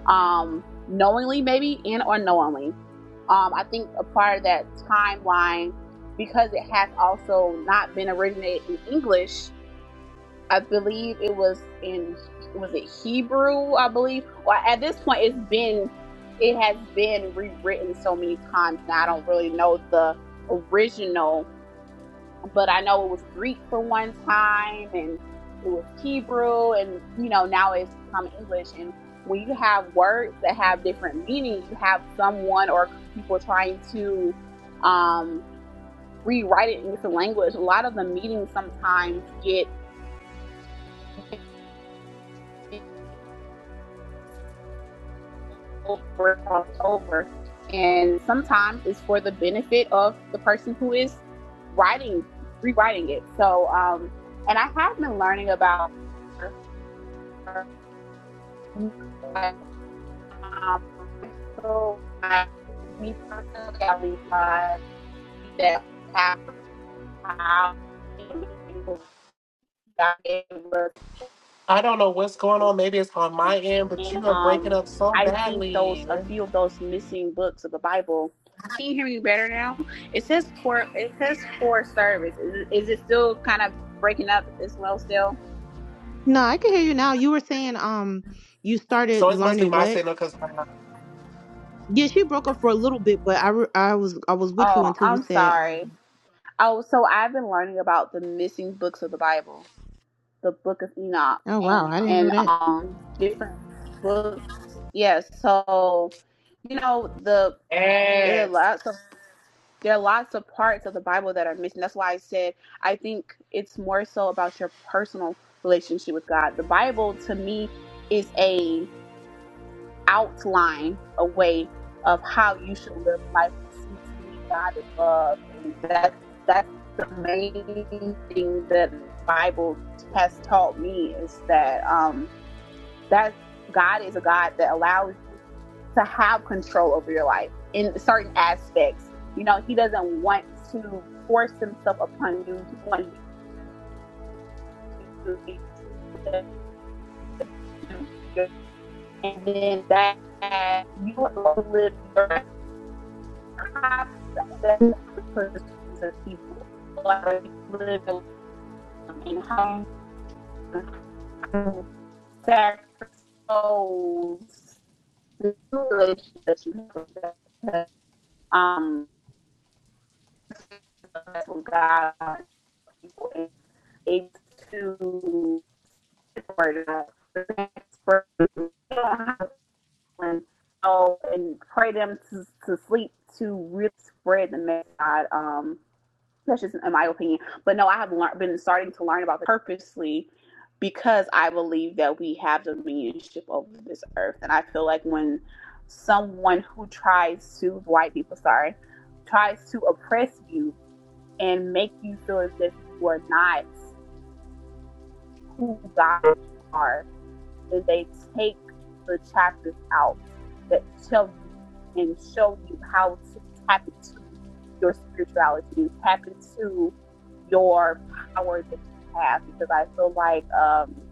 C: um, knowingly maybe and unknowingly. Um, I think a part of that timeline, because it has also not been originated in English. I believe it was in was it Hebrew? I believe. Well, at this point, it's been it has been rewritten so many times now. I don't really know the original but I know it was Greek for one time and it was Hebrew and you know now it's become English and when you have words that have different meaning, you have someone or a group of people trying to um, rewrite it in different language. A lot of the meanings sometimes get over crossed over, and sometimes it's for the benefit of the person who is writing, rewriting it. So, um, and I have been learning about Um, so I, me personally, I realized that after how God gave us
A: I don't know what's going
C: this
A: on. Maybe it's on
C: key.
A: my end, but
C: and
A: you are breaking
C: um,
A: up so
C: I think those
A: badly.
C: a few of those missing books of the Bible. Can you hear me better now? It says for it says for service. Is, is it still kind of breaking up as well? Still?
B: No, I can hear you now. You were saying um you
A: So
B: started
A: it must be
B: learning
A: my
B: what?
A: signal because
B: Yeah, she broke up for a little bit, but I, re- I was I was with you
C: Oh,
B: until you
C: I'm
B: said
C: sorry.
B: um
C: Oh, so I've been learning about the missing books of the Bible, the Book of Enoch.
B: oh wow, I didn't know
C: and
B: that.
C: um different books. Yeah, so you know the there are lots of there are lots of parts of the Bible that are missing. That's why I said I think it's more so about your personal relationship with God. The Bible to me is a outline, a way of how you should live life. But see, to me, God is love, and that's that's the main thing that the Bible has taught me is that. um that God is a God that allows you to have control over your life in certain aspects. You know, He doesn't want to force Himself upon you. He wants you to accept Him, and then that you will live your process of people like live and how you sacrifice that you have. Um, God it's to for oh, and pray them to, to sleep to really spread the message. Um, that's just in my opinion. But no, I have learned, been starting to learn about it purposely because I believe that we have dominionship over this earth, and I feel like when someone who tries to white people, sorry, tries to oppress you and make you feel as if you are not who God you are, then they take the chapters out that tell you and show you how to tap into your spirituality and tap into your power that you have. Because I feel like um,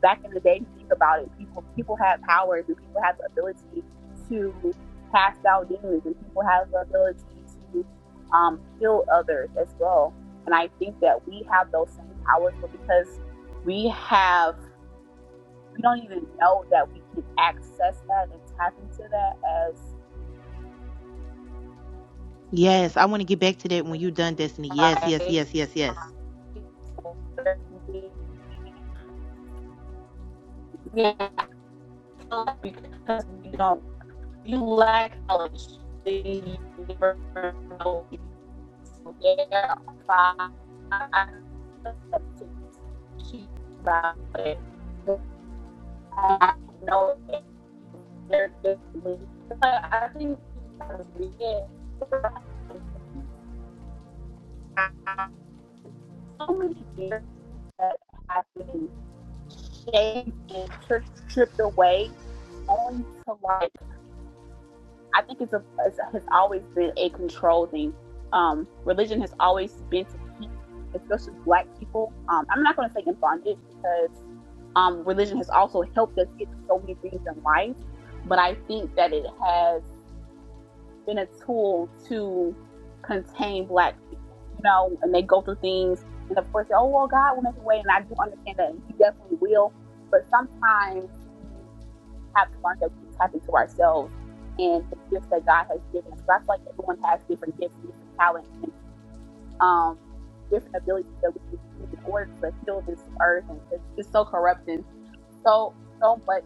C: back in the day, if you think about it, people people had powers and people had the ability to cast out demons and people have the ability to um, heal others as well. And I think that we have those same powers, but because we have, we don't even know that we can access that and tap into that as we
B: Yes, I want to get back to that when you done, Destiny. Yes, yes,
C: survive.
B: yes, yes, yes.
C: Yeah, because we don't you lack knowledge. then So There are 5 to keep about it. I don't know if they're good. But I think you gotta it. So many years that have been shaved and tri- tripped away only to like I think it's a it's, a has always been a control thing. Um, religion has always been to keep, especially Black people. Um, I'm not going to say in bondage because um, religion has also helped us get through so many things in life, but I think that it has been a tool to contain black people, you know, and they go through things. And of course, oh, well, God will make a way. And I do understand that He definitely will. But sometimes we have to learn that we can tap into ourselves and the gifts that God has given us. So I feel like everyone has different gifts and different talents. And um, different abilities that we can use in order to heal this earth and because it's so corrupt and so so much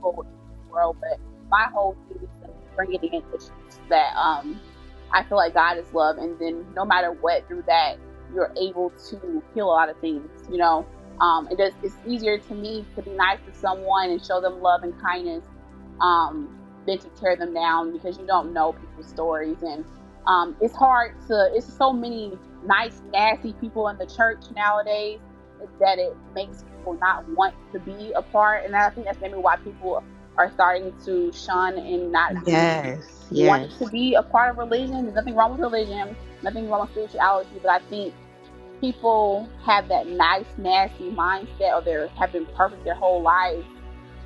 C: evil in this world. But my whole thing is to bring it in is just that um I feel like God is love, and then no matter what, through that you're able to heal a lot of things. You know, um, it does. It's easier to me to be nice to someone and show them love and kindness um, than to tear them down because you don't know people's stories and um, it's hard to. It's so many nice, nasty people in the church nowadays that it makes people not want to be a part. And I think that's maybe why people are starting to shun and not be really
B: Yes, yes.
C: wanting to be a part of religion. There's nothing wrong with religion. Nothing wrong with spirituality. But I think people have that nice, nasty mindset, or they have been perfect their whole lives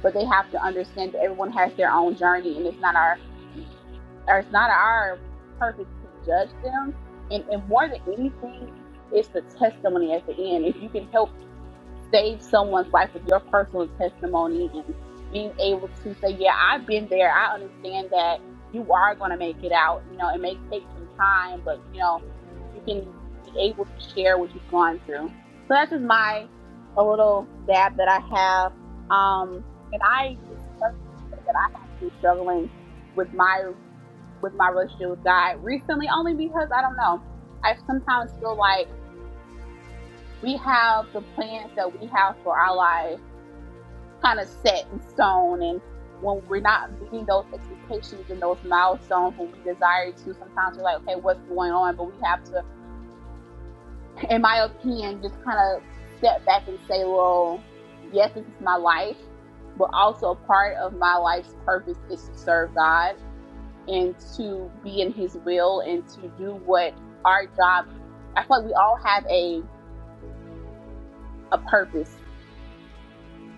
C: but they have to understand that everyone has their own journey and it's not our or it's not our purpose to judge them. And, and more than anything, it's the testimony at the end. If you can help save someone's life with your personal testimony and being able to say, Yeah, I've been there, I understand that you are going to make it out. You know, it may take some time, but you know, you can be able to share what you've gone through. So that's just my a little dab that I have. Um, and I just personally can say that I have been struggling with my with my relationship with God recently, only because I don't know. I sometimes feel like we have the plans that we have for our life kind of set in stone, and when we're not meeting those expectations and those milestones when we desire to, sometimes we're like, okay, what's going on? But we have to, in my opinion, just kind of step back and say, well, yes, this is my life, but also part of my life's purpose is to serve God and to be in his will and to do what our job i feel like we all have a a purpose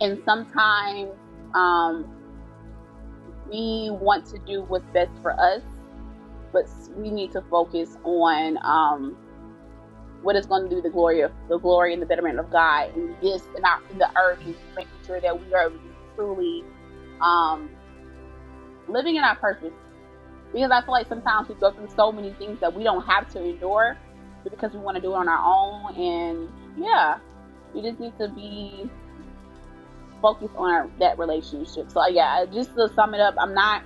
C: and sometimes um we want to do what's best for us but we need to focus on um what is going to do the glory of the glory and the betterment of god and this in our in the earth and making sure that we are just truly um living in our purpose Because I feel like sometimes we go through so many things that we don't have to endure, but because we want to do it on our own, and yeah, we just need to be focused on our, that relationship. So uh, yeah, just to sum it up, I'm not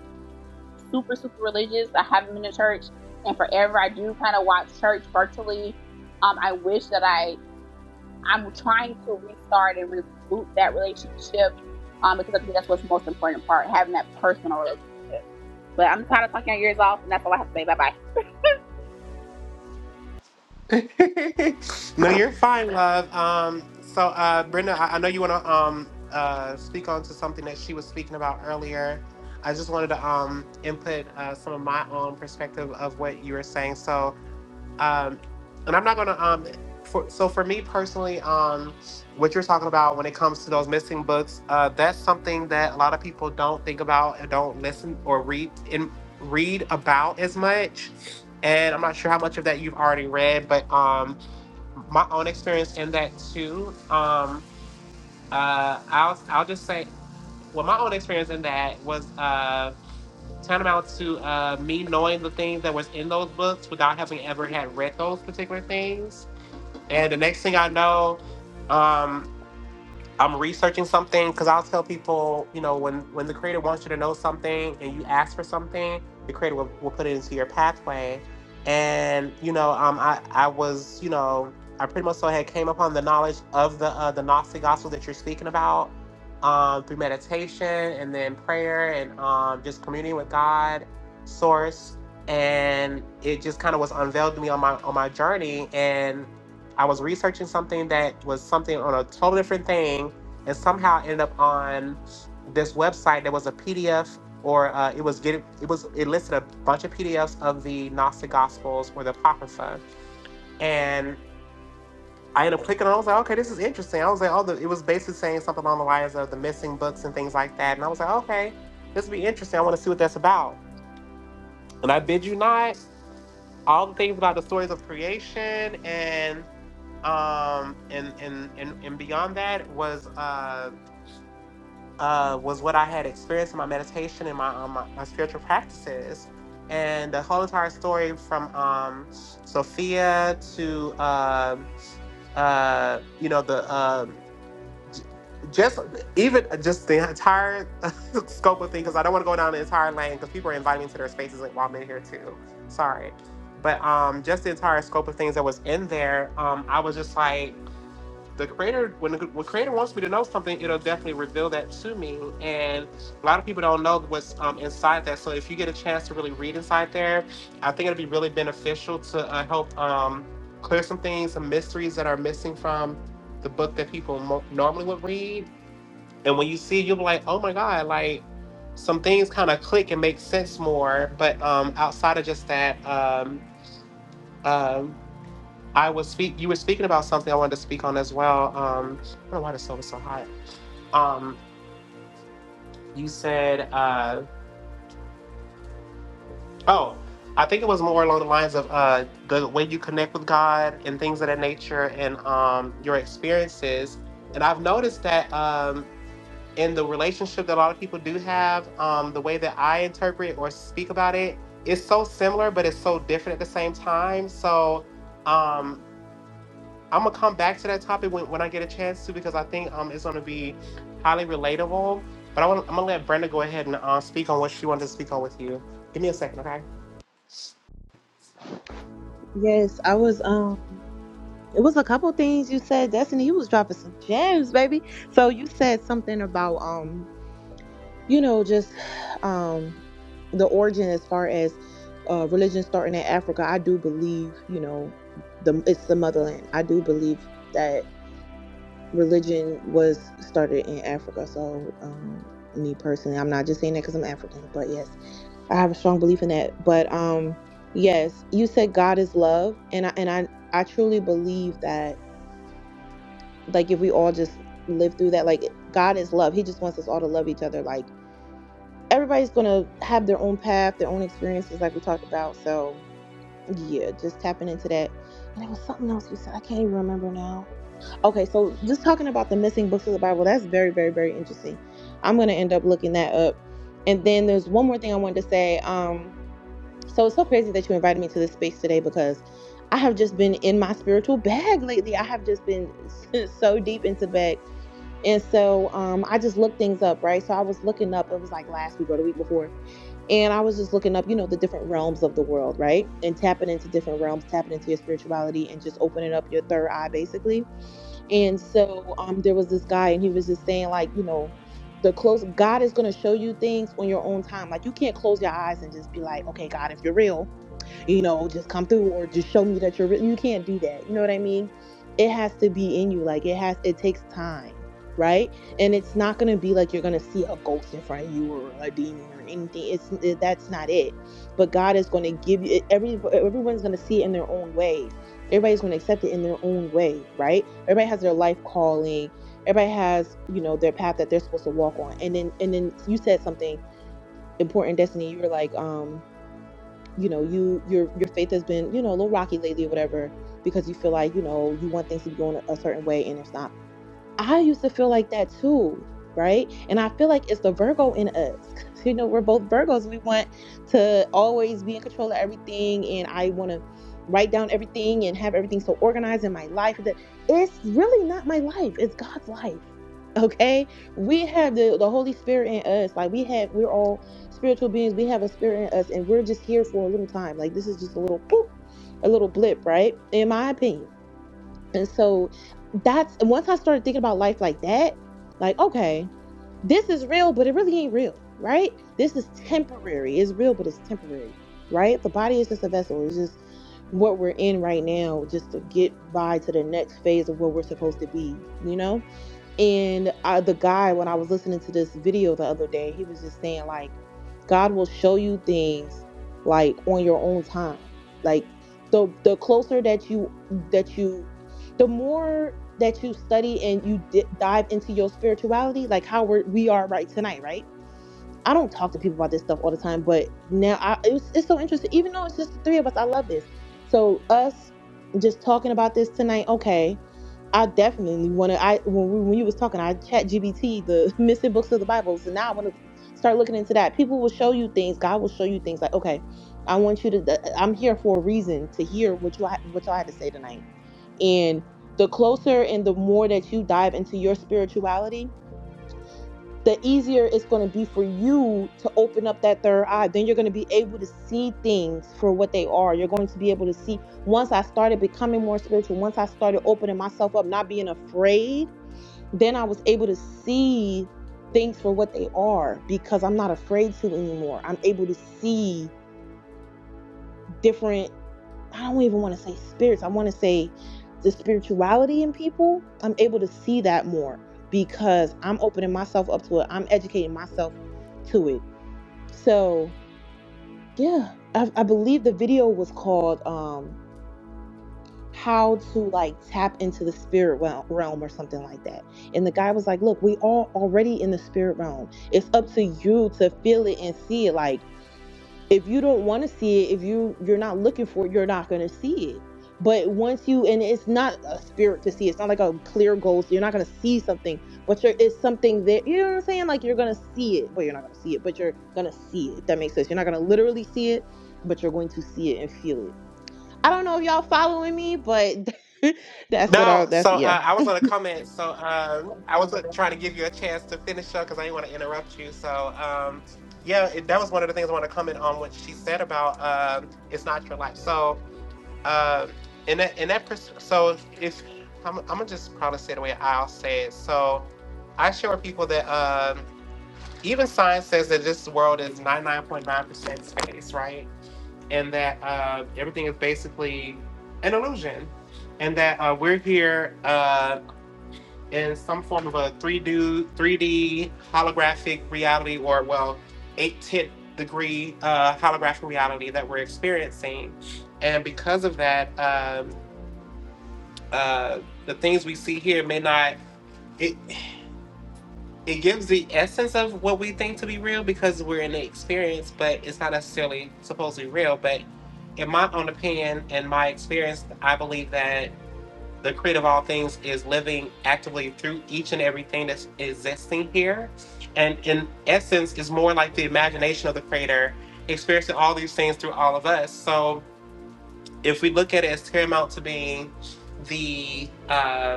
C: super super religious. I haven't been to church and forever. I do kind of watch church virtually. Um, I wish that I I'm trying to restart and reboot that relationship. Um, because I think that's what's the most important part, having that personal relationship. But I'm tired of talking your ears off, and that's all I have to say. Bye bye.
A: no, you're fine, love. Um, so, uh, Brenda, I, I know you want to um, uh, speak on to something that she was speaking about earlier. I just wanted to um, input uh, some of my own perspective of what you were saying. So, um, and I'm not gonna um, for, so for me personally, um, what you're talking about when it comes to those missing books, uh, that's something that a lot of people don't think about and don't listen or read in read about as much. And I'm not sure how much of that you've already read, but um, my own experience in that too. Um, uh, I'll I'll just say, well, my own experience in that was. Uh, tantamount to uh, me knowing the things that was in those books without having ever had read those particular things. And the next thing I know, um, I'm researching something because I'll tell people, you know, when when the creator wants you to know something and you ask for something, the creator will, will put it into your pathway. And you know, um, I I was, you know, I pretty much so had came upon the knowledge of the uh, the Gnostic gospel that you're speaking about um, through meditation and then prayer and um, just communing with God, Source, and it just kind of was unveiled to me on my on my journey. And I was researching something that was something on a totally different thing, and somehow ended up on this website that was a PDF, or uh, it was getting it was it listed a bunch of PDFs of the Gnostic Gospels or the Apocrypha, and I ended up clicking on. it. I was like, okay, this is interesting. I was like, oh, the, it was basically saying something along the lines of the missing books and things like that, and I was like, okay, this would be interesting. I want to see what that's about, and I bid you not all the things about the stories of creation and um and and and, and beyond that was uh uh was what I had experienced in my meditation and my um, my, my spiritual practices. And the whole entire story from um Sophia to uh uh you know the um just even just the entire scope of things because i don't want to go down the entire lane because people are inviting me to their spaces like while i'm in here too sorry but um just the entire scope of things that was in there um i was just like the creator when the when creator wants me to know something it'll definitely reveal that to me and a lot of people don't know what's um, inside that so if you get a chance to really read inside there i think it'll be really beneficial to uh, help um clear some things some mysteries that are missing from the book that people mo- normally would read and when you see it, you'll be like, oh my God, like some things kind of click and make sense more. But um, outside of just that, um, um, I was speak. You were speaking about something I wanted to speak on as well. Um, I don't know why the stove is so hot. Um, you said, uh, oh, I think it was more along the lines of uh, the way you connect with God and things of that nature and um, your experiences. And I've noticed that um, in the relationship that a lot of people do have, um, the way that I interpret or speak about it is so similar, but it's so different at the same time. So um, I'm gonna come back to that topic when, when I get a chance to because I think um, it's gonna be highly relatable. But I wanna, I'm gonna let Brenda go ahead and uh, speak on what she wanted to speak on with you. Give me a second, okay?
B: Yes, I was um it was a couple things you said, Destiny, you was dropping some gems, baby. So you said something about um, you know, just um the origin as far as uh religion starting in Africa. I do believe, you know, the it's the motherland. I do believe that religion was started in Africa. So um me personally, I'm not just saying that because I'm African, but yes. I have a strong belief in that. But um yes, you said God is love and I and I I truly believe that like if we all just live through that like God is love. He just wants us all to love each other like everybody's going to have their own path, their own experiences like we talked about. So, yeah, just tapping into that. And there was something else you said. I can't even remember now. Okay, so just talking about the missing books of the Bible, that's very very very interesting. I'm going to end up looking that up. And then there's one more thing I wanted to say. Um. So it's so crazy that you invited me to this space today because I have just been in my spiritual bag lately. I have just been so deep into the bag. And so um, I just looked things up, right? So I was looking up, it was like last week or the week before. And I was just looking up, you know, the different realms of the world, right? And tapping into different realms, tapping into your spirituality and just opening up your third eye, basically. And so um, there was this guy, and he was just saying, like, you know, the close God is going to show you things on your own time. Like, you can't close your eyes and just be like, okay, God, if you're real, you know, just come through or just show me that you're re- you can't do that. You know what I mean? It has to be in you. Like it has it takes time, right? And it's not going to be like you're going to see a ghost in front of you or a demon or anything. It's it- that's not it. But God is going to give you it- every everyone's going to see it in their own way. Everybody's going to accept it in their own way, right? Everybody has their life calling. Everybody has, you know, their path that they're supposed to walk on. And then and then you said something important, Destiny. You were like, um you know you your your faith has been you know a little rocky lately or whatever because you feel like you know you want things to be going a a certain way and it's not I used to feel like that too, right? And I feel like it's the Virgo in us. 'Cause, You know, we're both Virgos. We want to always be in control of everything, and I want to write down everything and have everything so organized in my life. That it's really not my life; it's God's life. Okay, we have the the Holy Spirit in us. Like we have, we're all spiritual beings. We have a spirit in us, and we're just here for a little time. Like this is just a little boop, a little blip, right? In my opinion and so that's and once I started thinking about life like that, like, okay, this is real, but it really ain't real, right? This is temporary. It's real, but it's temporary, right? The body is just a vessel. It's just what we're in right now, just to get by to the next phase of what we're supposed to be, you know? And I, the guy, when I was listening to this video the other day, he was just saying, like, God will show you things like on your own time. Like the the closer that you that you, the more that you study and you di- dive into your spirituality, like how we're, we are right tonight, right? I don't talk to people about this stuff all the time, but now I, it was, it's so interesting. Even though it's just the three of us, I love this. So us just talking about this tonight, okay I definitely want to. I when we, when you was talking, I chat GBT the missing books of the Bible. So now I want to start looking into that. People will show you things. God will show you things like, okay, I want you to. th- uh, I'm here for a reason to hear what you ha- what y'all had to say tonight. And the closer and the more that you dive into your spirituality, the easier it's going to be for you to open up that third eye. Then you're going to be able to see things for what they are. You're going to be able to see. Once I started becoming more spiritual, once I started opening myself up, not being afraid, then I was able to see things for what they are because I'm not afraid to anymore. I'm able to see different I don't even want to say spirits. I want to say the spirituality in people. I'm able to see that more because I'm opening myself up to it. I'm educating myself to it. So yeah, I, I believe the video was called um, "How to Like Tap into the Spirit Wel- Realm" or something like that. And the guy was like, "Look, we all already in the spirit realm. It's up to you to feel it and see it. Like." if you don't want to see it if you you're not looking for it you're not going to see it but once you and it's not a spirit to see it's not like a clear goal so you're not going to see something but you're, it's something that you know what i'm saying like you're going to see it but you're not going to see it but you're going to see it if that makes sense you're not going to literally see it but you're going to see it and feel it i don't know if y'all following me but that's what
A: No,
B: i that's
A: so
B: yeah
A: uh, I was going to comment. So um, I was uh, trying to give you a chance to finish up because I didn't want to interrupt you. So um, yeah, it, that was one of the things I want to comment on what she said about um, it's not your life. So uh, in that in that pers- so if I'm, I'm gonna just probably say the way I'll say it. So I share with people that um, even science says that this world is 99.9% space, right? and that uh, everything is basically an illusion, and that uh, we're here uh, in some form of a 3D, 3D holographic reality, or well, eight-tenth degree uh, holographic reality that we're experiencing, and because of that, um, uh, the things we see here may not. It, it gives the essence of what we think to be real because we're in the experience, but it's not necessarily supposed to be real. But in my own opinion and my experience, I believe that the creator of all things is living actively through each and everything that's existing here. And in essence, is more like the imagination of the creator experiencing all these things through all of us. So if we look at it as paramount to being the uh,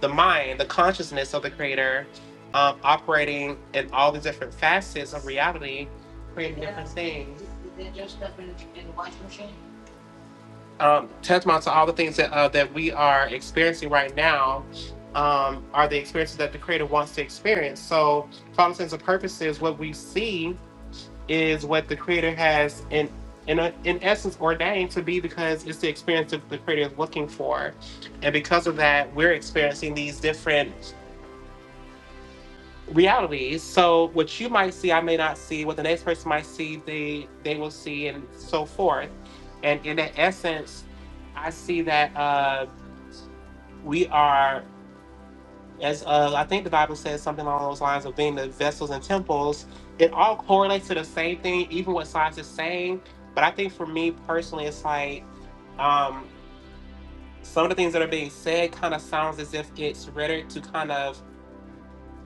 A: the mind, the consciousness of the creator, um, operating in all the different facets of reality, creating yeah. different things. Is there just stuff in in the washing machine? Um, tantamount to all the things that uh, that we are experiencing right now um, are the experiences that the creator wants to experience. So, for all intents and purposes, what we see is what the creator has in in, a, in essence ordained to be because it's the experience that the creator is looking for, and because of that, we're experiencing these different realities. So what you might see, I may not see. What the next person might see, they they will see, and so forth. And in that essence, I see that uh, we are, as uh, I think the Bible says something along those lines of being the vessels and temples. It all correlates to the same thing, even what science is saying. But I think for me personally, it's like um, some of the things that are being said kind of sounds as if it's rhetoric to kind of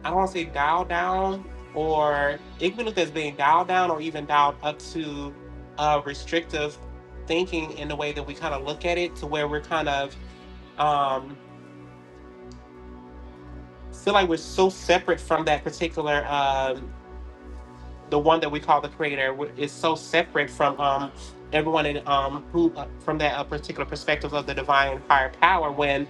A: I don't want to say dialed down, or even if it's being dialed down or even dialed up to uh, restrictive thinking in the way that we kind of look at it, to where we're kind of um, feel like we're so separate from that particular. um the one that we call the creator wh- is so separate from um, everyone in um, who uh, from that uh, particular perspective of the divine higher power when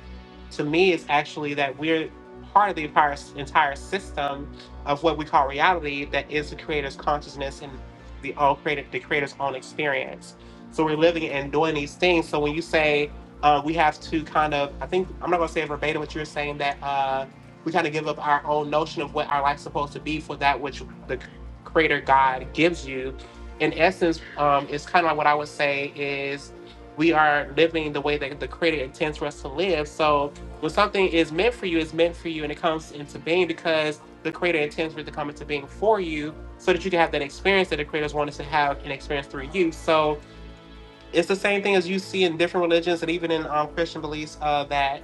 A: to me it's actually that we're part of the entire, entire system of what we call reality that is the creator's consciousness and the all created the creator's own experience so we're living and doing these things so when you say uh, we have to kind of i think i'm not going to say verbatim what you're saying that uh, we kind of give up our own notion of what our life's supposed to be for that which the creator God gives you. In essence, um, it's kind of like what I would say is we are living the way that the creator intends for us to live. So when something is meant for you, it's meant for you and it comes into being because the creator intends for it to come into being for you so that you can have that experience that the creators want to have an experience through you. So it's the same thing as you see in different religions and even in um, Christian beliefs uh, that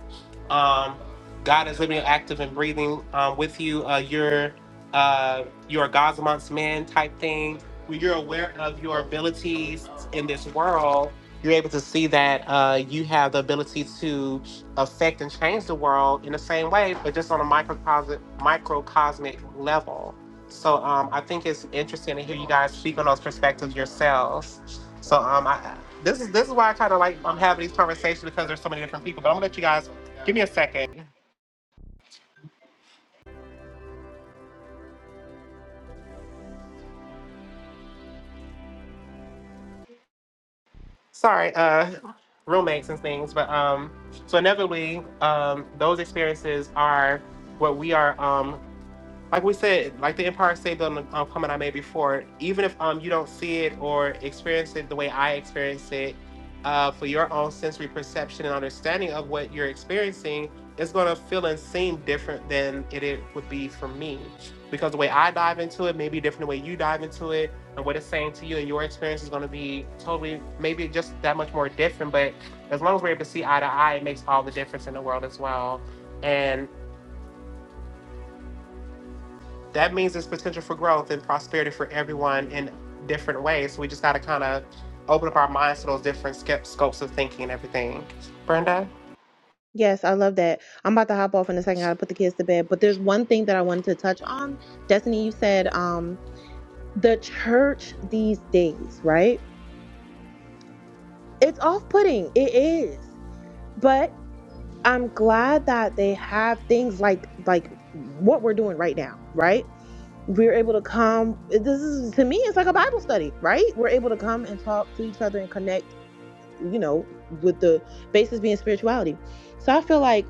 A: um, God is living, active, and breathing um, with you. Uh, you're uh, you're a God's amongst men type thing. When you're aware of your abilities in this world, you're able to see that uh, you have the ability to affect and change the world in the same way, but just on a microcosmic microcosmic level. So um, I think it's interesting to hear you guys speak on those perspectives yourselves. So um, I, this is this is why I kind of like I'm having these conversations because there's so many different people. But I'm gonna let you guys give me a second. Sorry, uh, roommates and things. But um, so inevitably, um, those experiences are what we are. Um, like we said, like the Empire State Building um, comment I made before, even if um you don't see it or experience it the way I experienced it, uh, for your own sensory perception and understanding of what you're experiencing, it's gonna feel and seem different than it, it would be for me, because the way I dive into it may be different the way you dive into it, and what it's saying to you and your experience is gonna be totally maybe just that much more different. But as long as we're able to see eye to eye, it makes all the difference in the world as well. And that means there's potential for growth and prosperity for everyone in different ways. So we just got to kind of open up our minds to those different scopes of thinking and everything. Brenda?
B: Yes, I love that. I'm about to hop off in a second. I gotta put the kids to bed. But there's one thing that I wanted to touch on. Destiny, you said um the church these days, right? It's off-putting. It is. But I'm glad that they have things like like what we're doing right now, right? We're able to come. This is to me, it's like a Bible study, right? We're able to come and talk to each other and connect, you know, with the basis being spirituality. So I feel like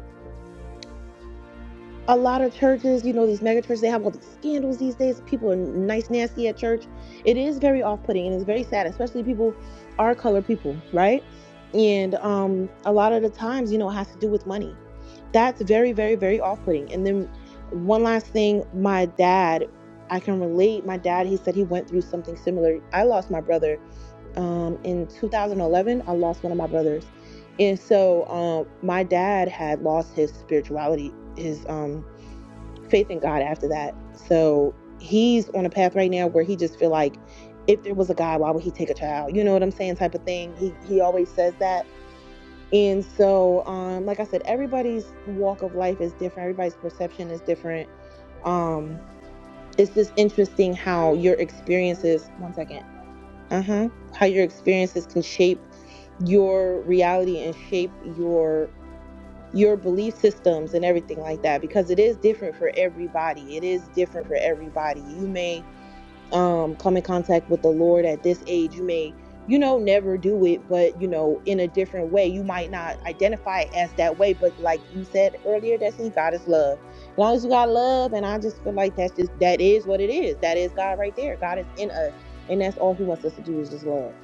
B: a lot of churches, you know, these mega churches, they have all these scandals these days. People are nice, nasty at church. It is very off putting and it's very sad, especially people are colored people, right? And um, a lot of the times, you know, it has to do with money. That's very, very, very off putting. And then one last thing my dad, I can relate. My dad, he said he went through something similar. I lost my brother um, in 2011. I lost one of my brothers. And so um, my dad had lost his spirituality, his um, faith in God after that. So he's on a path right now where he just feel like if there was a God, why would he take a child? You know what I'm saying? Type of thing. He he always says that. And so, um, like I said, everybody's walk of life is different. Everybody's perception is different. Um, it's just interesting how your experiences. One second. Uh huh. How your experiences can shape your reality and shape your your belief systems and everything like that because it is different for everybody it is different for everybody you may um come in contact with the lord at this age you may you know never do it but you know in a different way you might not identify it as that way but like you said earlier Destiny, god is love as long as you got love and i just feel like that's just that is what it is that is god right there god is in us and that's all he wants us to do is just love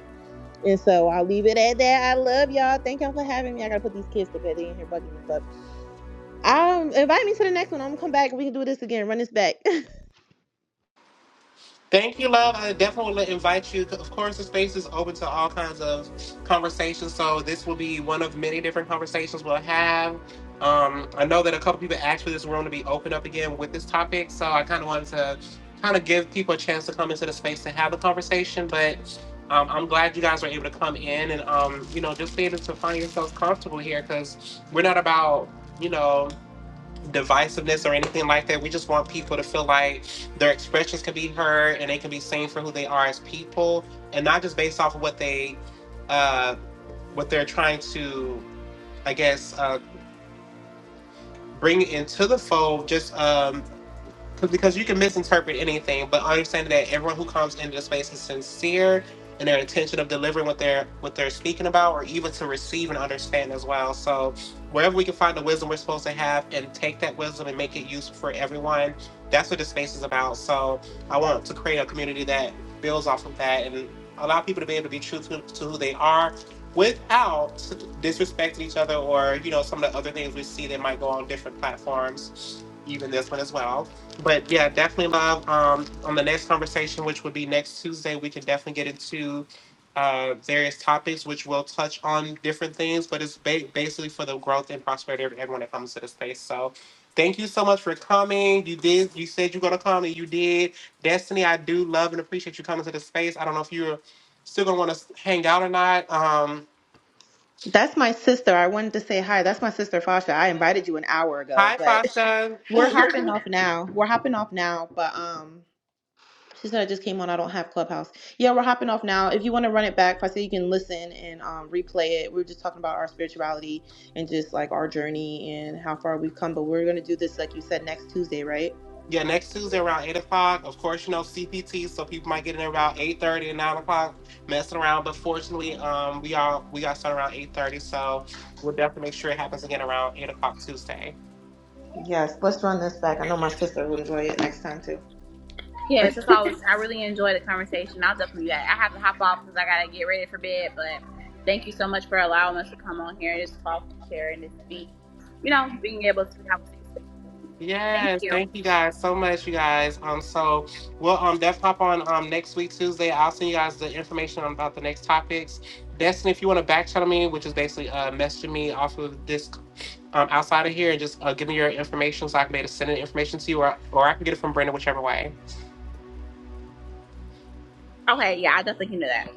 B: and so I'll leave it at that. I love y'all. Thank y'all for having me. I gotta put these kids to bed. They in here bugging me, but um, invite me to the next one. I'm gonna come back and we can do this again. Run this back.
A: Thank you, love. I definitely want to invite you. Of course, the space is open to all kinds of conversations. So this will be one of many different conversations we'll have. Um, I know that a couple people asked for this room to be open up again with this topic. So I kind of wanted to kind of give people a chance to come into the space to have a conversation. But um, I'm glad you guys were able to come in and um, you know just be able to find yourselves comfortable here because we're not about you know divisiveness or anything like that. We just want people to feel like their expressions can be heard and they can be seen for who they are as people, and not just based off of what they, uh, what they're trying to, I guess, uh, bring into the fold. Just um, because you can misinterpret anything, but understanding that everyone who comes into the space is sincere and their intention of delivering what they're what they're speaking about, or even to receive and understand as well. So wherever we can find the wisdom we're supposed to have and take that wisdom and make it useful for everyone, that's what the space is about. So I want to create a community that builds off of that and allow people to be able to be true to, to who they are without disrespecting each other or you know some of the other things we see that might go on different platforms even this one as well but yeah, definitely love. Um, on the next conversation, which would be next Tuesday, we can definitely get into uh, various topics, which will touch on different things, but it's ba- basically for the growth and prosperity of everyone that comes to the space. So, thank you so much for coming. You did. You said you're gonna come, and you did. Destiny, I do love and appreciate you coming to the space. I don't know if you're still gonna want to hang out or not. Um,
B: That's my sister. I wanted to say hi. That's my sister Fasha. I invited you an hour ago,
A: hi,
B: but
A: Fasha.
B: we're hopping off now. We're hopping off now. But um. She said I just came on. I don't have Clubhouse. Yeah, we're hopping off now. If you want to run it back, I said you can listen and um, replay it. We were just talking about our spirituality and just like our journey and how far we've come. But we're gonna do this, like you said, next Tuesday, right?
A: Yeah, next Tuesday around eight o'clock. Of course, you know CPT, so people might get in around eight thirty and nine o'clock, messing around. But fortunately, um, we all we got started around eight thirty, so we'll definitely make sure it happens again around eight o'clock Tuesday.
B: Yes. Let's run this back. I know my sister will enjoy it next time too.
C: Yeah, it's just always, I really enjoy the conversation. I'll definitely do that. I have to hop off because I got to get ready for bed, but thank you so much for allowing us to come on here and just talk and share and just be, you know, being able to have a safe space to communicate. So, Thank
A: Yes,
C: you.
A: thank you guys so much, you guys. Um, so we'll um definitely pop on um next week Tuesday. I'll send you guys the information on about the next topics. Destiny, if you want to back channel me, which is basically uh messaging me off of this um outside of here and just uh, give me your information so I can be able to send the information to you, or or I can get it from Brenda, whichever way.
C: Okay, yeah, I definitely can do that.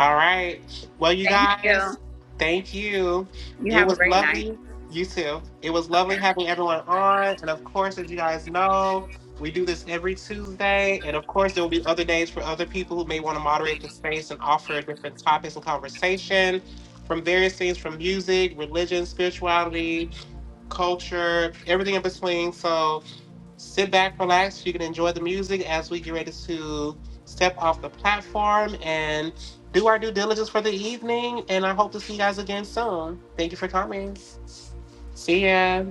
A: All right. Well, you
C: Thank you.
A: guys, thank you.
C: You
A: It
C: have a
A: was
C: great night.
A: lovely. You too. It was
C: Okay.
A: lovely having everyone on. And of course, as you guys know, we do this every Tuesday. And of course, there will be other days for other people who may want to moderate the space and offer different topics and conversation from various things from music, religion, spirituality, culture, everything in between. So sit back, relax. You can enjoy the music as we get ready to step off the platform and do our due diligence for the evening. And I hope to see you guys again soon. Thank you for coming. See ya.